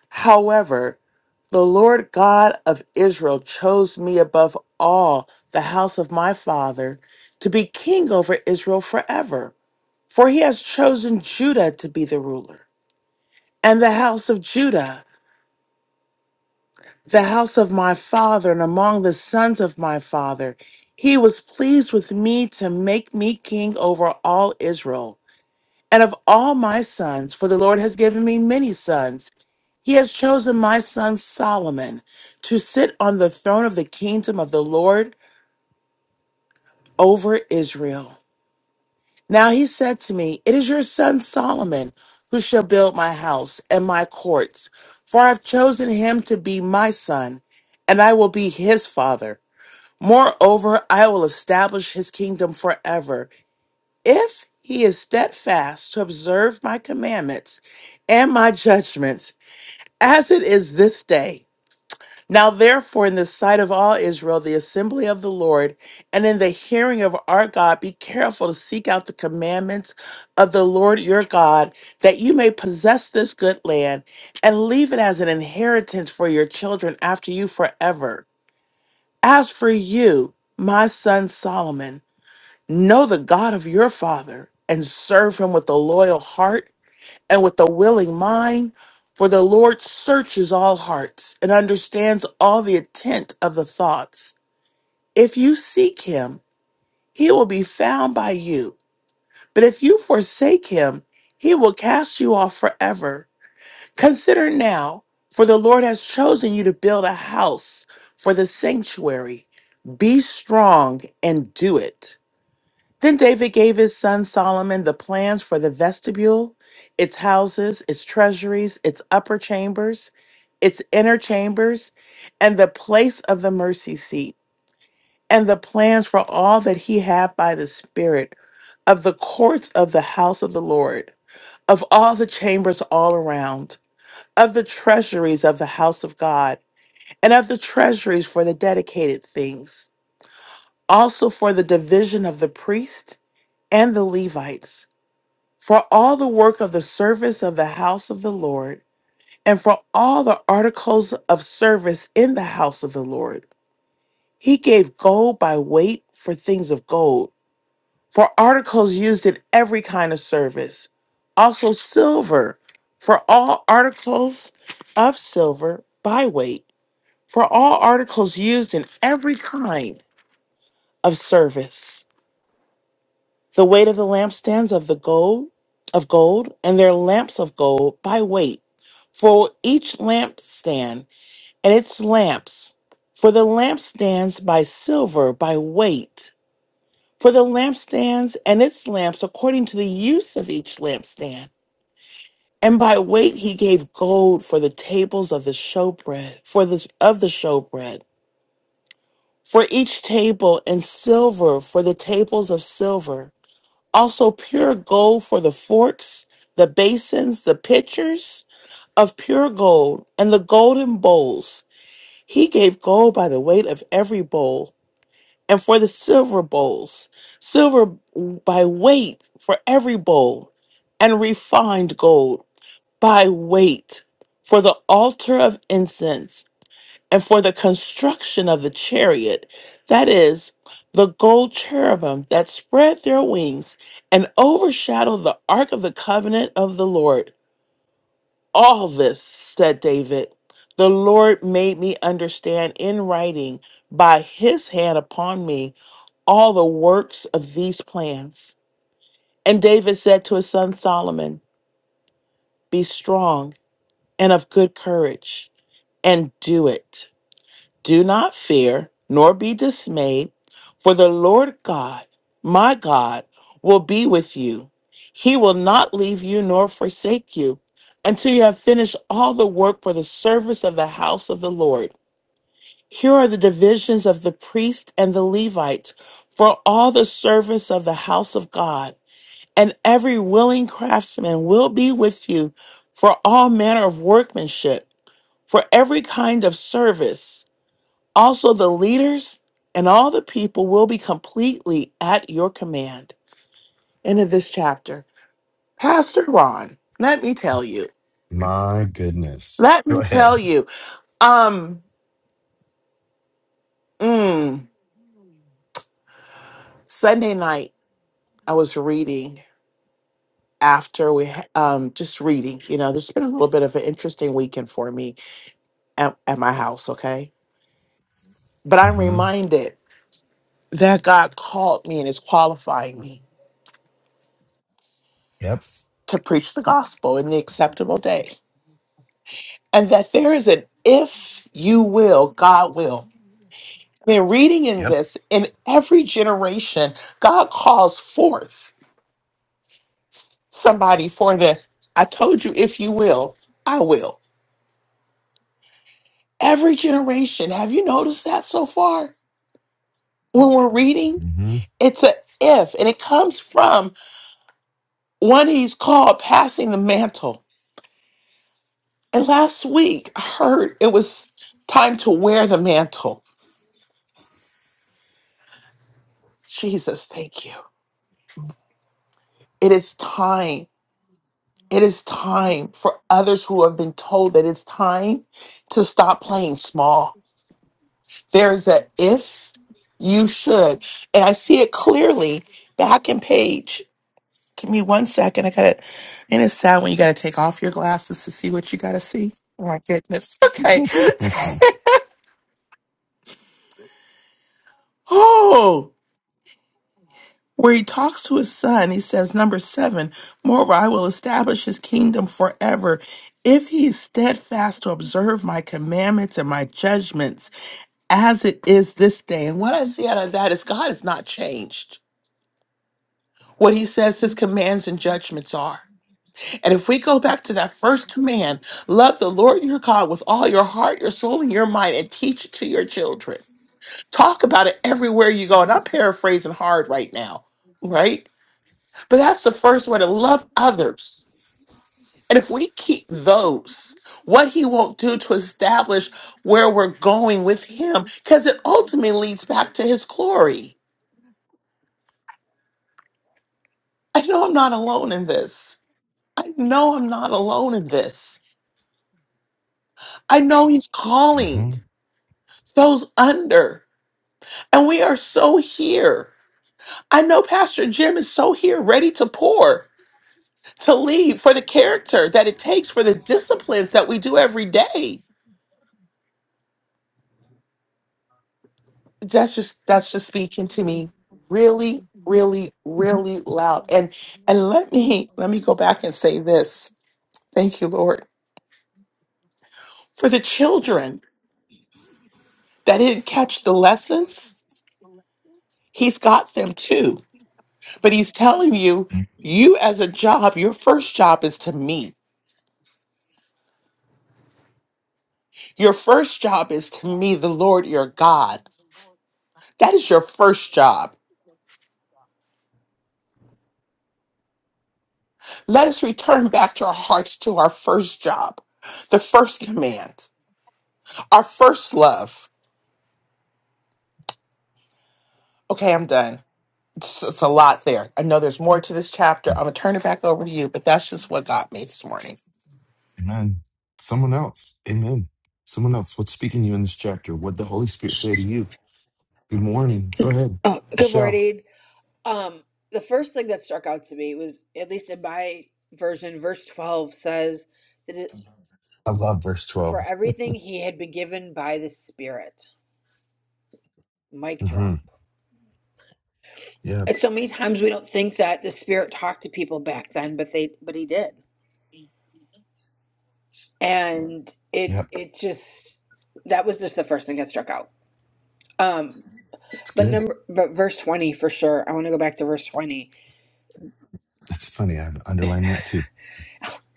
However, the Lord God of Israel chose me above all the house of my father to be king over Israel forever, for he has chosen Judah to be the ruler and the house of Judah. the house of my father and among the sons of my father. He was pleased with me to make me king over all Israel. And of all my sons, for the Lord has given me many sons, he has chosen my son Solomon to sit on the throne of the kingdom of the Lord over Israel. Now he said to me, It is your son Solomon who shall build my house and my courts, for I have chosen him to be my son, and I will be his father. Moreover, I will establish his kingdom forever if he is steadfast to observe my commandments and my judgments as it is this day. Now, therefore, in the sight of all Israel, the assembly of the Lord, and in the hearing of our God, be careful to seek out the commandments of the Lord your God, that you may possess this good land and leave it as an inheritance for your children after you forever. As for you, my son Solomon, Know the God of your father and serve him with a loyal heart and with a willing mind, for the Lord searches all hearts and understands all the intent of the thoughts. If you seek him, he will be found by you. But if you forsake him, he will cast you off forever. Consider now, for the Lord has chosen you to build a house for the sanctuary. Be strong and do it. Then David gave his son Solomon the plans for the vestibule, its houses, its treasuries, its upper chambers, its inner chambers, and the place of the mercy seat, and the plans for all that he had by the Spirit of the courts of the house of the Lord, of all the chambers all around, of the treasuries of the house of God, and of the treasuries for the dedicated things, also for the division of the priest and the Levites for all the work of the service of the house of the Lord, and for all the articles of service in the house of the Lord. He gave gold by weight for things of gold, for articles used in every kind of service, also silver for all articles of silver by weight, for all articles used in every kind of service The weight of the lampstands of the gold of gold, and their lamps of gold by weight, for each lampstand and its lamps. For the lampstands by silver by weight, for the lampstands and its lamps according to the use of each lampstand. And by weight he gave gold for the tables of the showbread, for the of the showbread, for each table, and silver for the tables of silver also pure gold for the forks, the basins, the pitchers of pure gold, and the golden bowls. He gave gold by the weight of every bowl, and for the silver bowls, silver by weight for every bowl, and refined gold by weight for the altar of incense and for the construction of the chariot, that is, the gold cherubim that spread their wings and overshadowed the ark of the covenant of the Lord. All this, said David, the Lord made me understand in writing by his hand upon me all the works of these plans. And David said to his son Solomon, Be strong and of good courage, and do it. Do not fear, nor be dismayed, for the Lord God, my God, will be with you. He will not leave you nor forsake you until you have finished all the work for the service of the house of the Lord. Here are the divisions of the priest and the Levites for all the service of the house of God. And every willing craftsman will be with you for all manner of workmanship, for every kind of service. Also, the leaders and all the people will be completely at your command. End of this chapter. Pastor Ron, let me tell you.
My goodness.
Let
Go
me tell
ahead.
you. Um, mm, Sunday night, I was reading after we ha- um just reading. You know, there's been a little bit of an interesting weekend for me at, at my house. Okay, but I'm
Mm-hmm.
reminded that God called me and is qualifying me
Yep.
to preach the gospel in the acceptable day. and that there is an if you will, God will. I mean, reading in
Yep.
this, in every generation, God calls forth somebody for this. I told you, if you will, I will. Every generation. Have you noticed that so far? When we're reading,
Mm-hmm.
it's a if, and it comes from one he's called passing the mantle. And last week, I heard it was time to wear the mantle. Jesus, thank you. It is time. It is time for others who have been told that it's time to stop playing small. There's a if you should. And I see it clearly back in page. Give me one second. I got it. And it's sad when you got to take off your glasses to see what you got to see. Oh my goodness. Okay. [LAUGHS]
[LAUGHS]
oh. where he talks to his son, he says, number seven, moreover, I will establish his kingdom forever if he is steadfast to observe my commandments and my judgments as it is this day. And what I see out of that is God has not changed what he says his commands and judgments are. And if we go back to that first command, love the Lord your God with all your heart, your soul, and your mind, and teach it to your children. Talk about it everywhere you go. And I'm paraphrasing hard right now, right? But that's the first way to love others. And if we keep those, what he won't do to establish where we're going with him, because it ultimately leads back to his glory. I know I'm not alone in this. I know I'm not alone in this. I know he's calling
Mm-hmm.
those under, and we are so here. I know Pastor Jim is so here, ready to pour, to lead for the character that it takes for the disciplines that we do every day. that's just that's just speaking to me really really really loud and and let me let me go back and say this thank you lord for the children that didn't catch the lessons he's got them too but he's telling you you as a job your first job is to me your first job is to me the lord your god that is your first job let us return back to our hearts to our first job the first command our first love Okay, I'm done. It's, it's a lot there. I know there's more to this chapter. I'm gonna turn it back over to you, but that's just what got me this morning.
Amen. Someone else. Amen. Someone else. What's speaking to you in this chapter? What the Holy Spirit say to you? Good morning. Go ahead,
Oh, good
Michelle.
morning. Um, the first thing that struck out to me was, at least in my version, verse 12 says that it,
I love verse
for
12.
everything he had been given by the Spirit. Mic
Mm-hmm.
drop.
Yep.
And so many times we don't think that the Spirit talked to people back then, but they, but he did. And it,
Yep.
it just, that was just the first thing that struck out. Um,
It's
but
good.
number, but verse 20 for sure. I want to go back to verse 20
That's funny. I've underlined that too.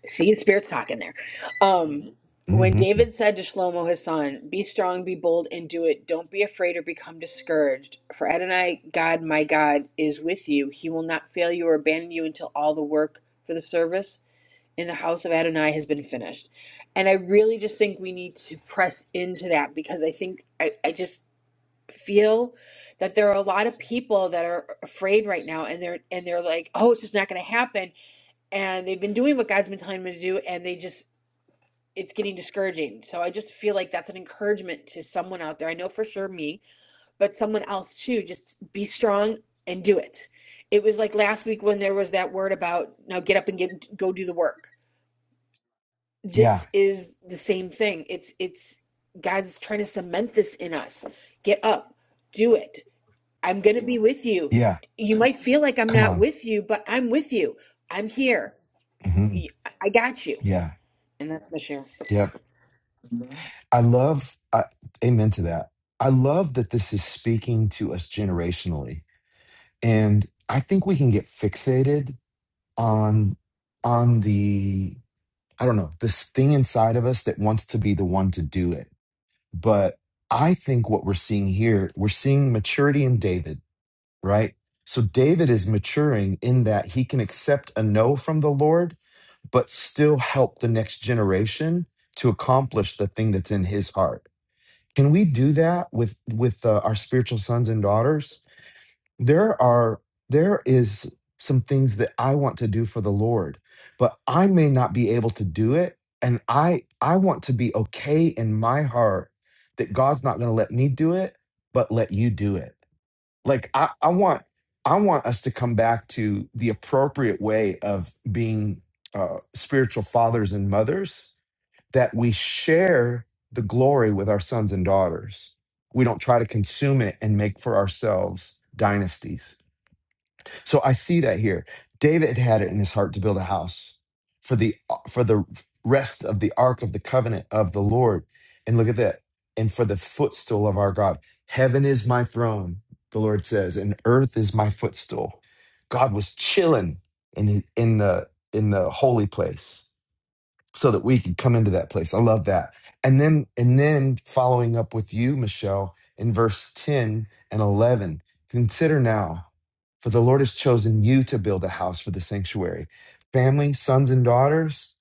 See, and spirits talking there. Um, when
hmm
David said to Shlomo his son, "Be strong, be bold, and do it. Don't be afraid or become discouraged. For Adonai, God, my God, is with you. He will not fail you or abandon you until all the work for the service in the house of Adonai has been finished." And I really just think we need to press into that because I think I, I just feel that there are a lot of people that are afraid right now, and they're and they're like, "Oh, it's just not going to happen." and they've been doing what God's been telling them to do, and they just it's getting discouraging. So I just feel like that's an encouragement to someone out there. I know for sure me, but someone else too. Just be strong and do it. It was like last week when there was that word about now get up and get go do the work.
Yeah.
This is the same thing. It's it's God's trying to cement this in us. Get up, do it. I'm going to be with you.
Yeah.
You might feel like I'm
Come
not
on.
with you, but I'm with you. I'm here.
hmm
I got you.
Yeah.
And that's my share.
Yep. I love, I, amen to that. I love that this is speaking to us generationally. And I think we can get fixated on on the I don't know, this thing inside of us that wants to be the one to do it. But I think what we're seeing here, we're seeing maturity in David, right? So David is maturing in that he can accept a no from the Lord, but still help the next generation to accomplish the thing that's in his heart. Can we do that with with uh, our spiritual sons and daughters? there are there is some things that I want to do for the Lord, but I may not be able to do it and I I want to be okay in my heart that God's not going to let me do it, but let you do it. Like I I want I want us to come back to the appropriate way of being uh, spiritual fathers and mothers that we share the glory with our sons and daughters. We don't try to consume it and make for ourselves dynasties so I see that here. David had it in his heart to build a house for the uh, for the rest of the ark of the covenant of the Lord. And look at that. And for the footstool of our God. Heaven is my throne, the Lord says, and earth is my footstool. God was chilling in the- in the in the holy place so that we could come into that place. I love that. And then and then following up with you, Michelle, in verse 10 and 11, consider now, for the Lord has chosen you to build a house for the sanctuary. Family, sons and daughters,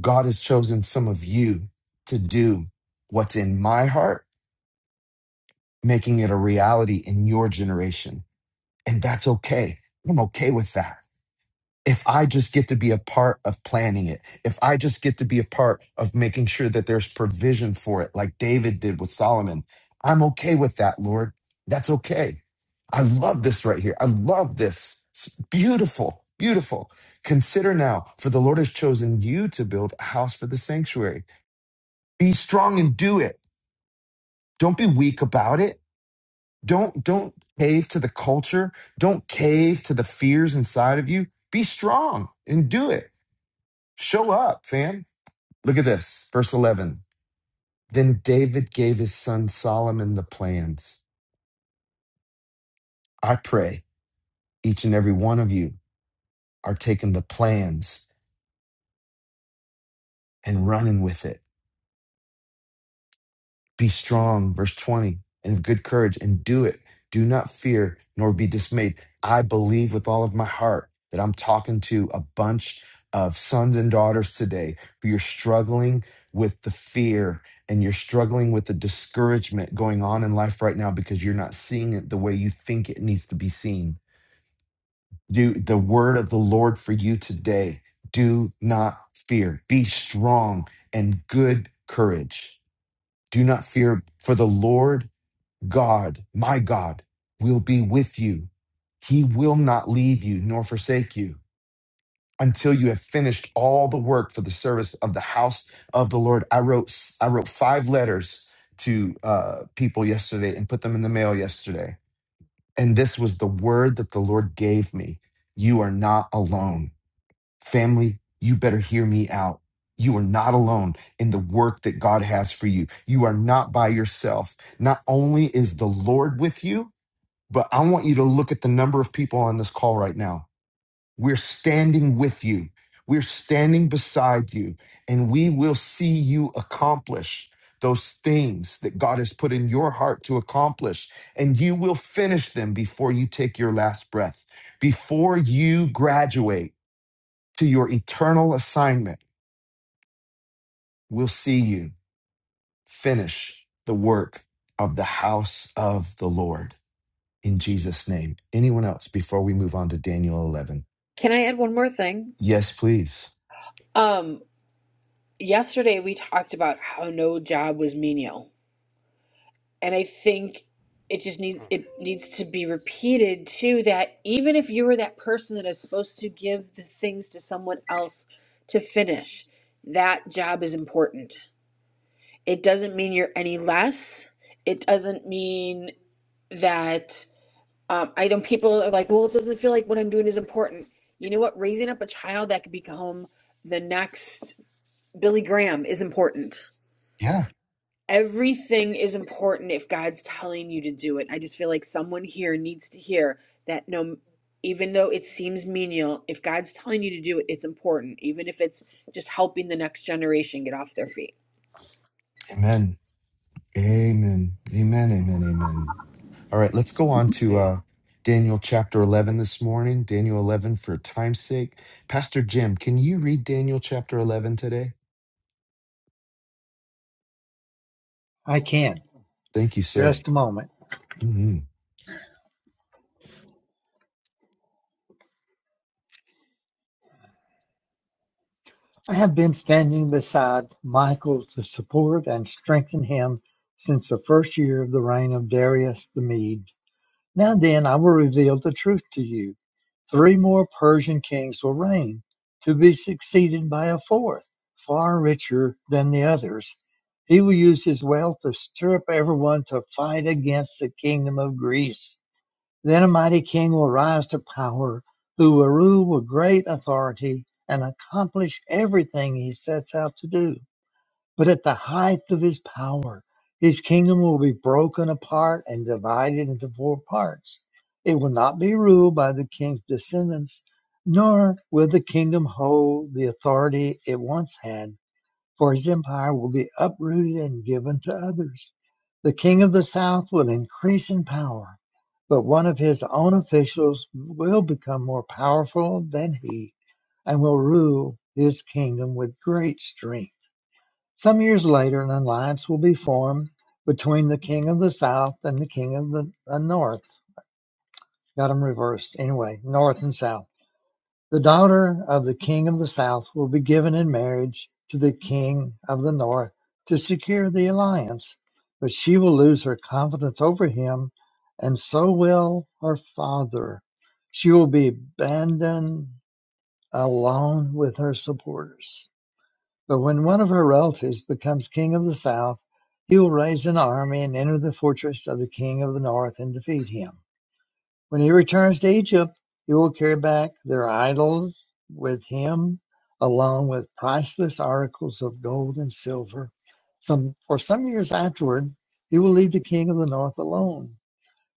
God has chosen some of you to do what's in my heart, making it a reality in your generation. And that's okay. I'm okay with that if I just get to be a part of planning it, if I just get to be a part of making sure that there's provision for it, like David did with Solomon, I'm okay with that, Lord. That's okay. I love this right here. I love this. It's beautiful, beautiful. Consider now, for the Lord has chosen you to build a house for the sanctuary. Be strong and do it. Don't be weak about it. Don't don't cave to the culture. Don't cave to the fears inside of you. Be strong and do it Show up, fam. Look at this. Verse 11. Then David gave his son Solomon the plans. I pray each and every one of you are taking the plans and running with it Be strong, verse 20, and of good courage, and do it. Do not fear nor be dismayed. I believe with all of my heart that I'm talking to a bunch of sons and daughters today who are struggling with the fear and you're struggling with the discouragement going on in life right now because you're not seeing it the way you think it needs to be seen. Do the word of the Lord for you today. Do not fear. Be strong and good courage. Do not fear, for the Lord God, my God, will be with you. He will not leave you nor forsake you until you have finished all the work for the service of the house of the Lord. I wrote I wrote five letters to uh, people yesterday and put them in the mail yesterday. And this was the word that the Lord gave me. You are not alone. Family, you better hear me out. You are not alone in the work that God has for you. You are not by yourself. Not only is the Lord with you, but I want you to look at the number of people on this call right now. We're standing with you, we're standing beside you, and we will see you accomplish those things that God has put in your heart to accomplish. And you will finish them before you take your last breath, before you graduate to your eternal assignment. We'll see you finish the work of the house of the Lord in Jesus' name. Anyone else before we move on to Daniel 11?
Can I add one more thing?
Yes, please.
Um, yesterday we talked about how no job was menial, and I think it just needs it needs to be repeated too that even if you were that person that is supposed to give the things to someone else to finish, that job is important. It doesn't mean you're any less. It doesn't mean that. um, I know people are like, well, it doesn't feel like what I'm doing is important. You know what? Raising up a child that could become the next Billy Graham is important.
Yeah.
Everything is important if God's telling you to do it. I just feel like someone here needs to hear that no, even though it seems menial, if God's telling you to do it, it's important, even if it's just helping the next generation get off their feet.
Amen. Amen. Amen. Amen. Amen. All right, let's go on to
Hey,
uh Daniel chapter 11 this morning. Daniel 11 for time's sake. Pastor Jim, can you read Daniel chapter 11 today?
I can.
Thank you, sir.
Just a moment.
hmm
I have been standing beside Michael to support and strengthen him since the first year of the reign of Darius the Mede. Now then, I will reveal the truth to you. Three more Persian kings will reign, to be succeeded by a fourth, far richer than the others. He will use his wealth to stir up everyone to fight against the kingdom of Greece. Then a mighty king will rise to power, who will rule with great authority and accomplish everything he sets out to do. But at the height of his power, his kingdom will be broken apart and divided into four parts. It will not be ruled by the king's descendants, nor will the kingdom hold the authority it once had for his empire will be uprooted and given to others. The king of the south will increase in power, but one of his own officials will become more powerful than he and will rule his kingdom with great strength. Some years later, an alliance will be formed between the king of the south and the king of the uh, north. Got them reversed. Anyway, north and south the daughter of the king of the south will be given in marriage to the king of the north to secure the alliance, but she will lose her confidence over him, and so will her father. She will be abandoned alone with her supporters. But when one of her relatives becomes king of the south, he will raise an army and enter the fortress of the king of the north and defeat him. When he returns to Egypt, he will carry back their idols with him, along with priceless articles of gold and silver. Some for some years afterward, he will leave the king of the north alone.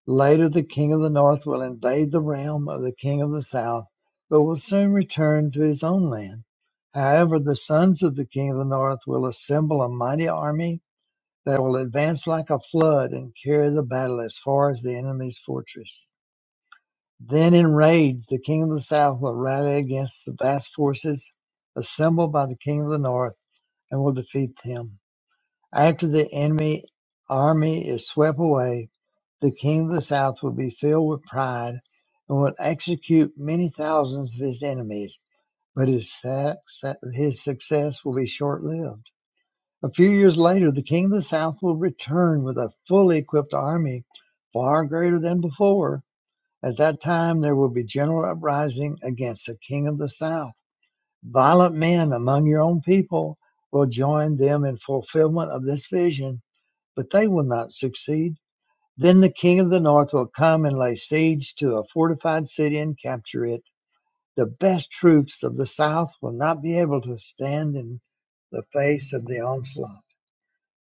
Later, the king of the north will invade the realm of the king of the south, but will soon return to his own land. However, the sons of the king of the north will assemble a mighty army that will advance like a flood and carry the battle as far as the enemy's fortress. Then enraged, the king of the south will rally against the vast forces assembled by the king of the north and will defeat him. After the enemy army is swept away, the king of the south will be filled with pride and will execute many thousands of his enemies, but his, his success will be short lived. A few years later, the king of the south will return with a fully equipped army, far greater than before, at that time there will be general uprising against the king of the south. Violent men among your own people will join them in fulfillment of this vision, but they will not succeed. Then the king of the north will come and lay siege to a fortified city and capture it. The best troops of the south will not be able to stand in the face of the onslaught.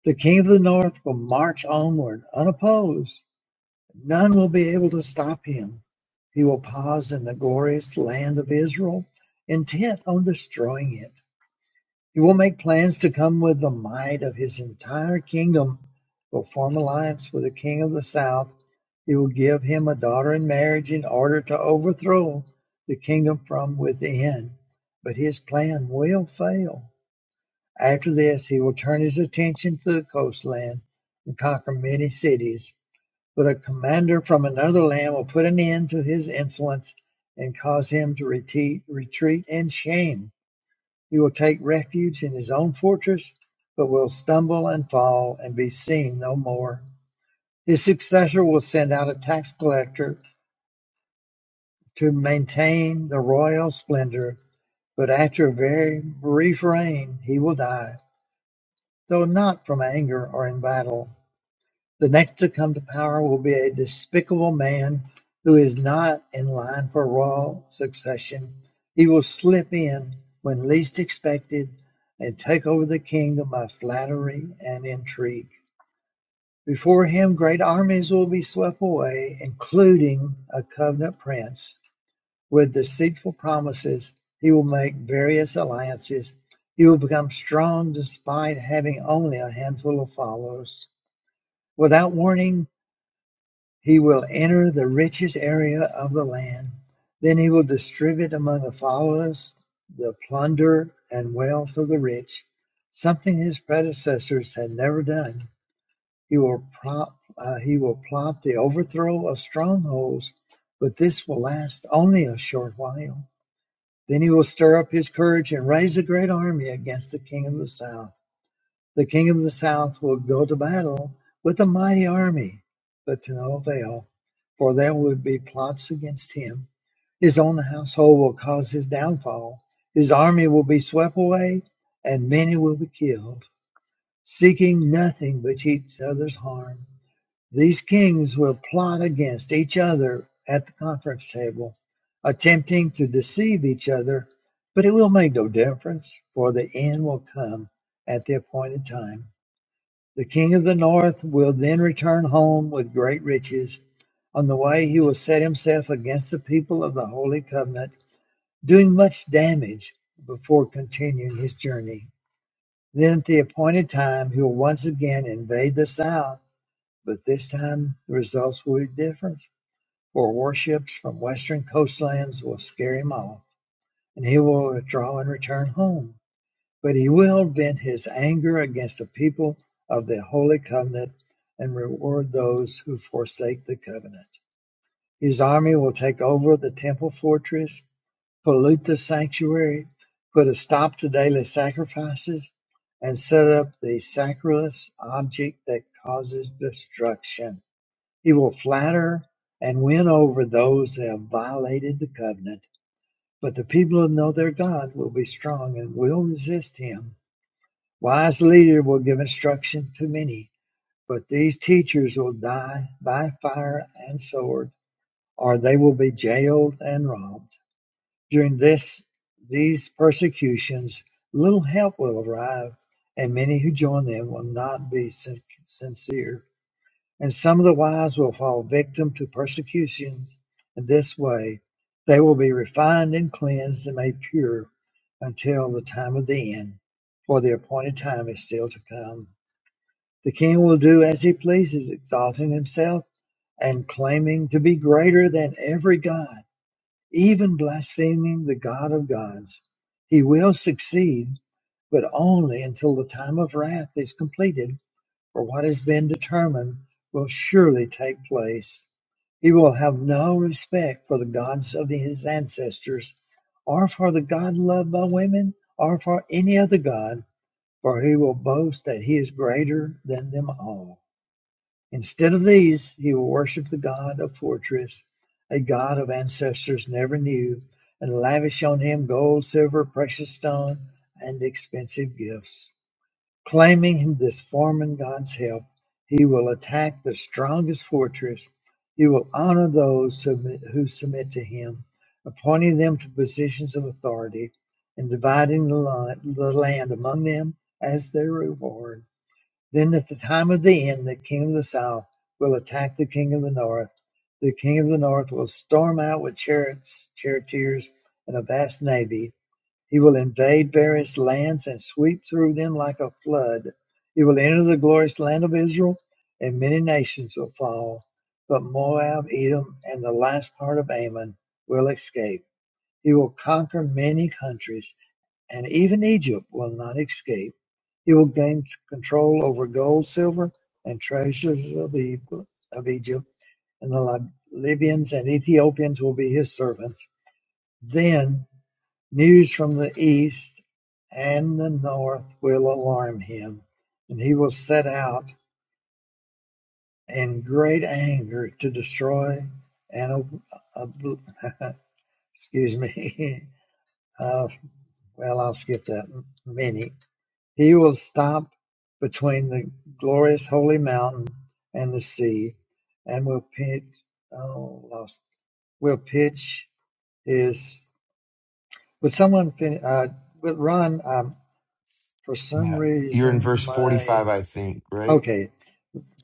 The king of the north will march onward unopposed None will be able to stop him. He will pause in the glorious land of Israel, intent on destroying it. He will make plans to come with the might of his entire kingdom. He will form alliance with the king of the south. He will give him a daughter in marriage in order to overthrow the kingdom from within. But his plan will fail. After this, he will turn his attention to the coastland and conquer many cities. But a commander from another land will put an end to his insolence and cause him to retreat in shame. He will take refuge in his own fortress, but will stumble and fall and be seen no more. His successor will send out a tax collector to maintain the royal splendor, but after a very brief reign he will die, though not from anger or in battle. The next to come to power will be a despicable man who is not in line for royal succession. He will slip in when least expected and take over the kingdom by flattery and intrigue. Before him, great armies will be swept away, including a covenant prince. With deceitful promises, he will make various alliances. He will become strong despite having only a handful of followers. Without warning, he will enter the richest area of the land; then he will distribute among the followers the plunder and wealth of the rich, something his predecessors had never done. He will prop, uh, he will plot the overthrow of strongholds, but this will last only a short while. Then he will stir up his courage and raise a great army against the king of the south. The king of the south will go to battle with a mighty army, but to no avail, for there will be plots against him. His own household will cause his downfall. His army will be swept away, and many will be killed, seeking nothing but each other's harm. These kings will plot against each other at the conference table, attempting to deceive each other, but it will make no difference, for the end will come at the appointed time. The king of the north will then return home with great riches. On the way, he will set himself against the people of the Holy Covenant, doing much damage before continuing his journey. Then, at the appointed time, he will once again invade the south, but this time the results will be different, for warships from western coastlands will scare him off, and he will withdraw and return home. But he will vent his anger against the people of the Holy Covenant and reward those who forsake the covenant. His army will take over the temple fortress, pollute the sanctuary, put a stop to daily sacrifices, and set up the sacrilegious object that causes destruction. He will flatter and win over those that have violated the covenant, but the people who know their God will be strong and will resist him Wise leader will give instruction to many, but these teachers will die by fire and sword, or they will be jailed and robbed. During this these persecutions, little help will arrive, and many who join them will not be sin- sincere. And some of the wise will fall victim to persecutions. In this way, they will be refined and cleansed and made pure until the time of the end, for the appointed time is still to come. The king will do as he pleases, exalting himself and claiming to be greater than every god, even blaspheming the God of gods. He will succeed, but only until the time of wrath is completed, for what has been determined will surely take place. He will have no respect for the gods of his ancestors, or for the God loved by women, or for any other God, for he will boast that he is greater than them all. Instead of these, he will worship the god of fortress, a god of ancestors never knew, and lavish on him gold, silver, precious stone, and expensive gifts. Claiming this foreman god's help, he will attack the strongest fortress. He will honor those who submit to him, appointing them to positions of authority and dividing the land among them as their reward. Then at the time of the end, the king of the south will attack the king of the north. The king of the north will storm out with chariots, charioteers, and a vast navy. He will invade various lands and sweep through them like a flood. He will enter the glorious land of Israel, and many nations will fall. But Moab, Edom, and the last part of Ammon will escape. He will conquer many countries and even Egypt will not escape. He will gain control over gold, silver, and treasures of E- Egypt, and the Libyans and Ethiopians will be his servants. Then news from the east and the north will alarm him, and he will set out in great anger to destroy and ob- ob- [LAUGHS] excuse me. [LAUGHS] Uh, well, I'll skip that many. He will stop between the glorious holy mountain and the sea, and will pitch. Oh, lost. Will pitch his. Would someone fin- uh, would Ron? Um, for some
Yeah. You're in verse
reason,
45,
my
I think, right?
okay.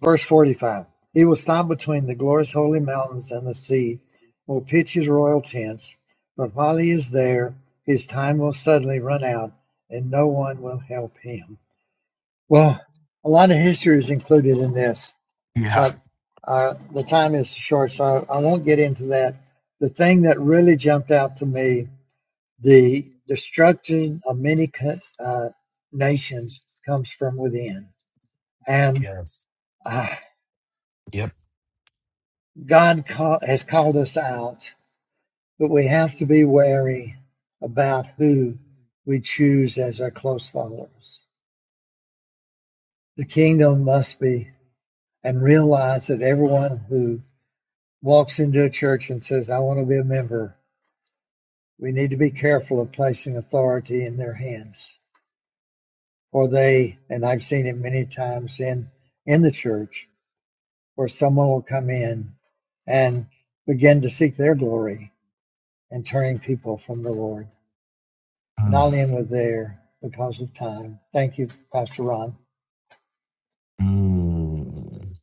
Verse forty-five. He will stop between the glorious holy mountains and the sea. Will pitch his royal tents, but while he is there, his time will suddenly run out, and no one will help him. Well, a lot of history is included in this,
Yeah.
but uh, the time is short, so I won't get into that. The thing that really jumped out to me, the destruction of many uh, nations comes from within. And
Yeah.
uh,
Yep.
God call, has called us out, but we have to be wary about who we choose as our close followers. The kingdom must be and realize that everyone who walks into a church and says, I want to be a member, we need to be careful of placing authority in their hands. Or they, and I've seen it many times in, in the church, where someone will come in and begin to seek their glory and turning people from the Lord.
[SIGHS]
And I'll end with there because of time. Thank you, Pastor Ron.
Mm. Mm.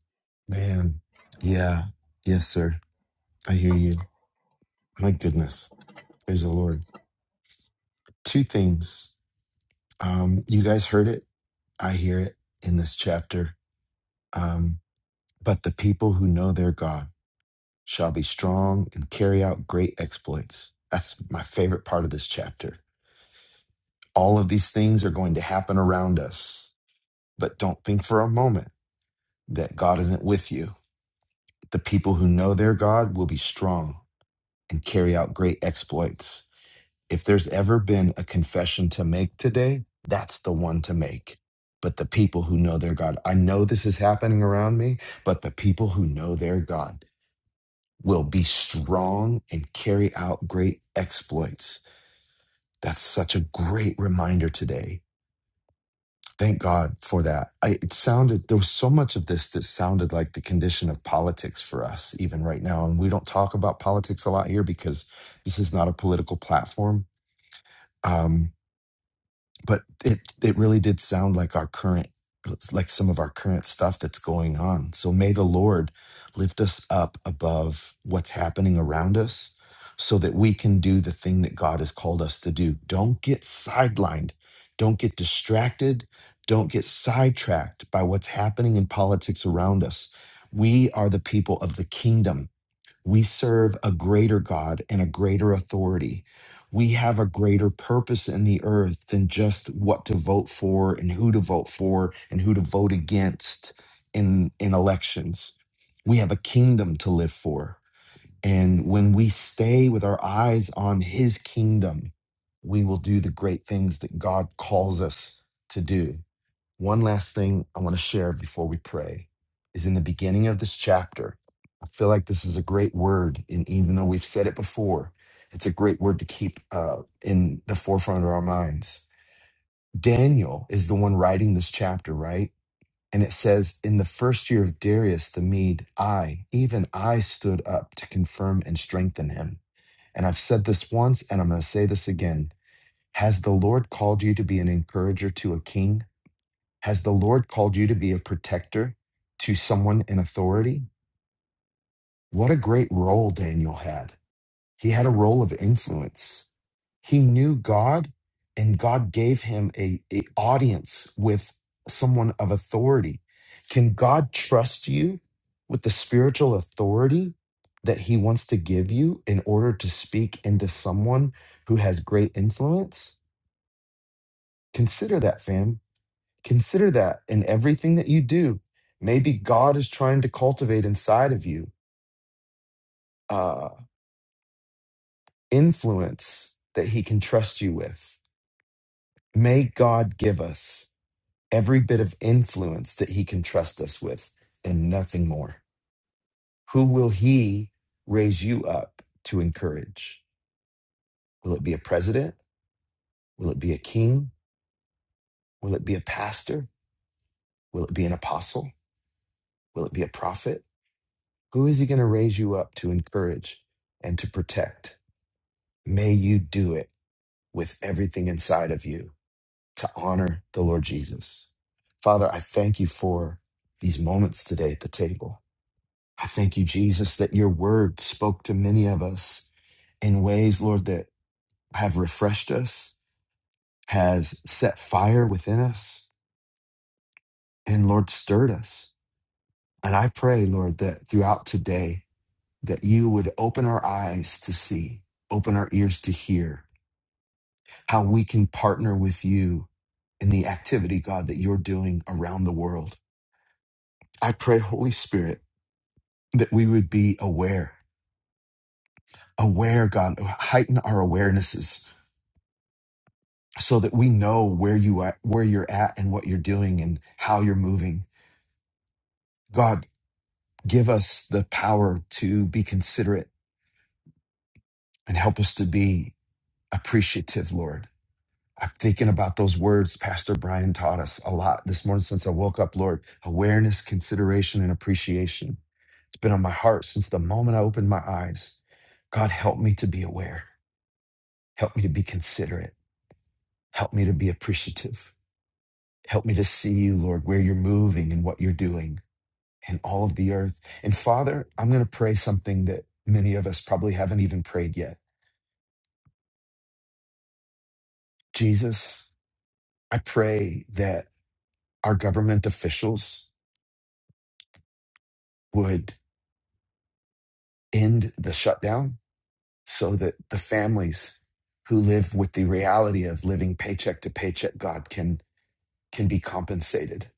Man. Yeah. Yes, sir. I hear you. My goodness. Praise the Lord. Two things. Um, you guys heard it. I hear it in this chapter. Um, but the people who know their God shall be strong and carry out great exploits. That's my favorite part of this chapter. All of these things are going to happen around us, but don't think for a moment that God isn't with you. The people who know their God will be strong and carry out great exploits If there's ever been a confession to make today, that's the one to make. But the people who know their God, I know this is happening around me, but the people who know their God will be strong and carry out great exploits. That's such a great reminder today. Thank God for that. I, it sounded, there was so much of this that sounded like the condition of politics for us, even right now. And we don't talk about politics a lot here because this is not a political platform. Um, but it it really did sound like our current like some of our current stuff that's going on so may the lord lift us up above what's happening around us so that we can do the thing that god has called us to do don't get sidelined don't get distracted don't get sidetracked by what's happening in politics around us we are the people of the kingdom we serve a greater God and a greater authority. We have a greater purpose in the earth than just what to vote for and who to vote for and who to vote against in, in elections. We have a kingdom to live for. And when we stay with our eyes on his kingdom, we will do the great things that God calls us to do. One last thing I want to share before we pray is in the beginning of this chapter. I feel like this is a great word, and even though we've said it before, it's a great word to keep uh, in the forefront of our minds. Daniel is the one writing this chapter, right? And it says, In the first year of Darius the Mede, I, even I, stood up to confirm and strengthen him. And I've said this once, and I'm going to say this again. Has the Lord called you to be an encourager to a king? Has the Lord called you to be a protector to someone in authority? What a great role Daniel had. He had a role of influence. He knew God and God gave him a, a audience with someone of authority. Can God trust you with the spiritual authority that he wants to give you in order to speak into someone who has great influence? Consider that, fam Consider that in everything that you do, maybe God is trying to cultivate inside of you uh, influence that He can trust you with. May God give us every bit of influence that He can trust us with and nothing more. Who will He raise you up to encourage? Will it be a president? Will it be a king? Will it be a pastor? Will it be an apostle? Will it be a prophet? Who is He going to raise you up to encourage and to protect? May you do it with everything inside of you to honor the Lord Jesus. Father, I thank you for these moments today at the table. I thank you, Jesus, that your word spoke to many of us in ways, Lord, that have refreshed us, has set fire within us, and Lord, stirred us. And I pray, Lord, that throughout today, that you would open our eyes to see, open our ears to hear, how we can partner with you in the activity, God, that you're doing around the world. I pray, Holy Spirit, that we would be aware, aware, God, heighten our awarenesses so that we know where you are, where you're at and what you're doing and how you're moving. God, give us the power to be considerate and help us to be appreciative, Lord. I'm thinking about those words Pastor Brian taught us a lot this morning since I woke up, Lord. Awareness, consideration, and appreciation It's been on my heart since the moment I opened my eyes. God, help me to be aware. Help me to be considerate. Help me to be appreciative. Help me to see you, Lord, where you're moving and what you're doing in all of the earth. And Father, I'm going to pray something that many of us probably haven't even prayed yet. Jesus, I pray that our government officials would end the shutdown so that the families who live with the reality of living paycheck to paycheck, God, can can be compensated.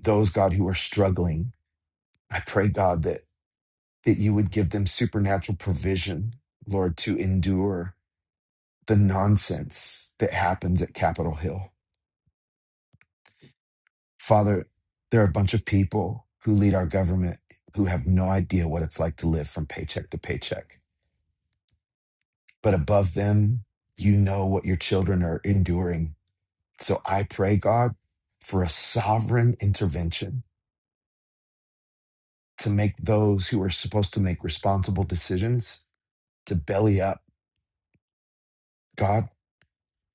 Those, God, who are struggling, I pray, God, that, that you would give them supernatural provision, Lord, to endure the nonsense that happens at Capitol Hill. Father, there are a bunch of people who lead our government who have no idea what it's like to live from paycheck to paycheck. But above them, you know what your children are enduring. So I pray, God, for a sovereign intervention to make those who are supposed to make responsible decisions to belly up. God,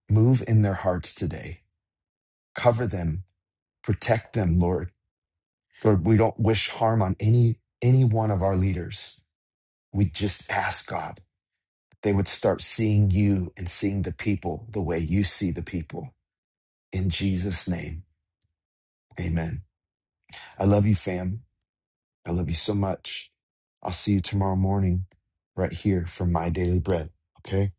move in their hearts today. Cover them, protect them, Lord. Lord, we don't wish harm on any any one of our leaders. We just ask God they would start seeing you and seeing the people the way you see the people. In Jesus' name, amen. I love you, fam. I love you so much. I'll see you tomorrow morning right here for My Daily Bread. Okay?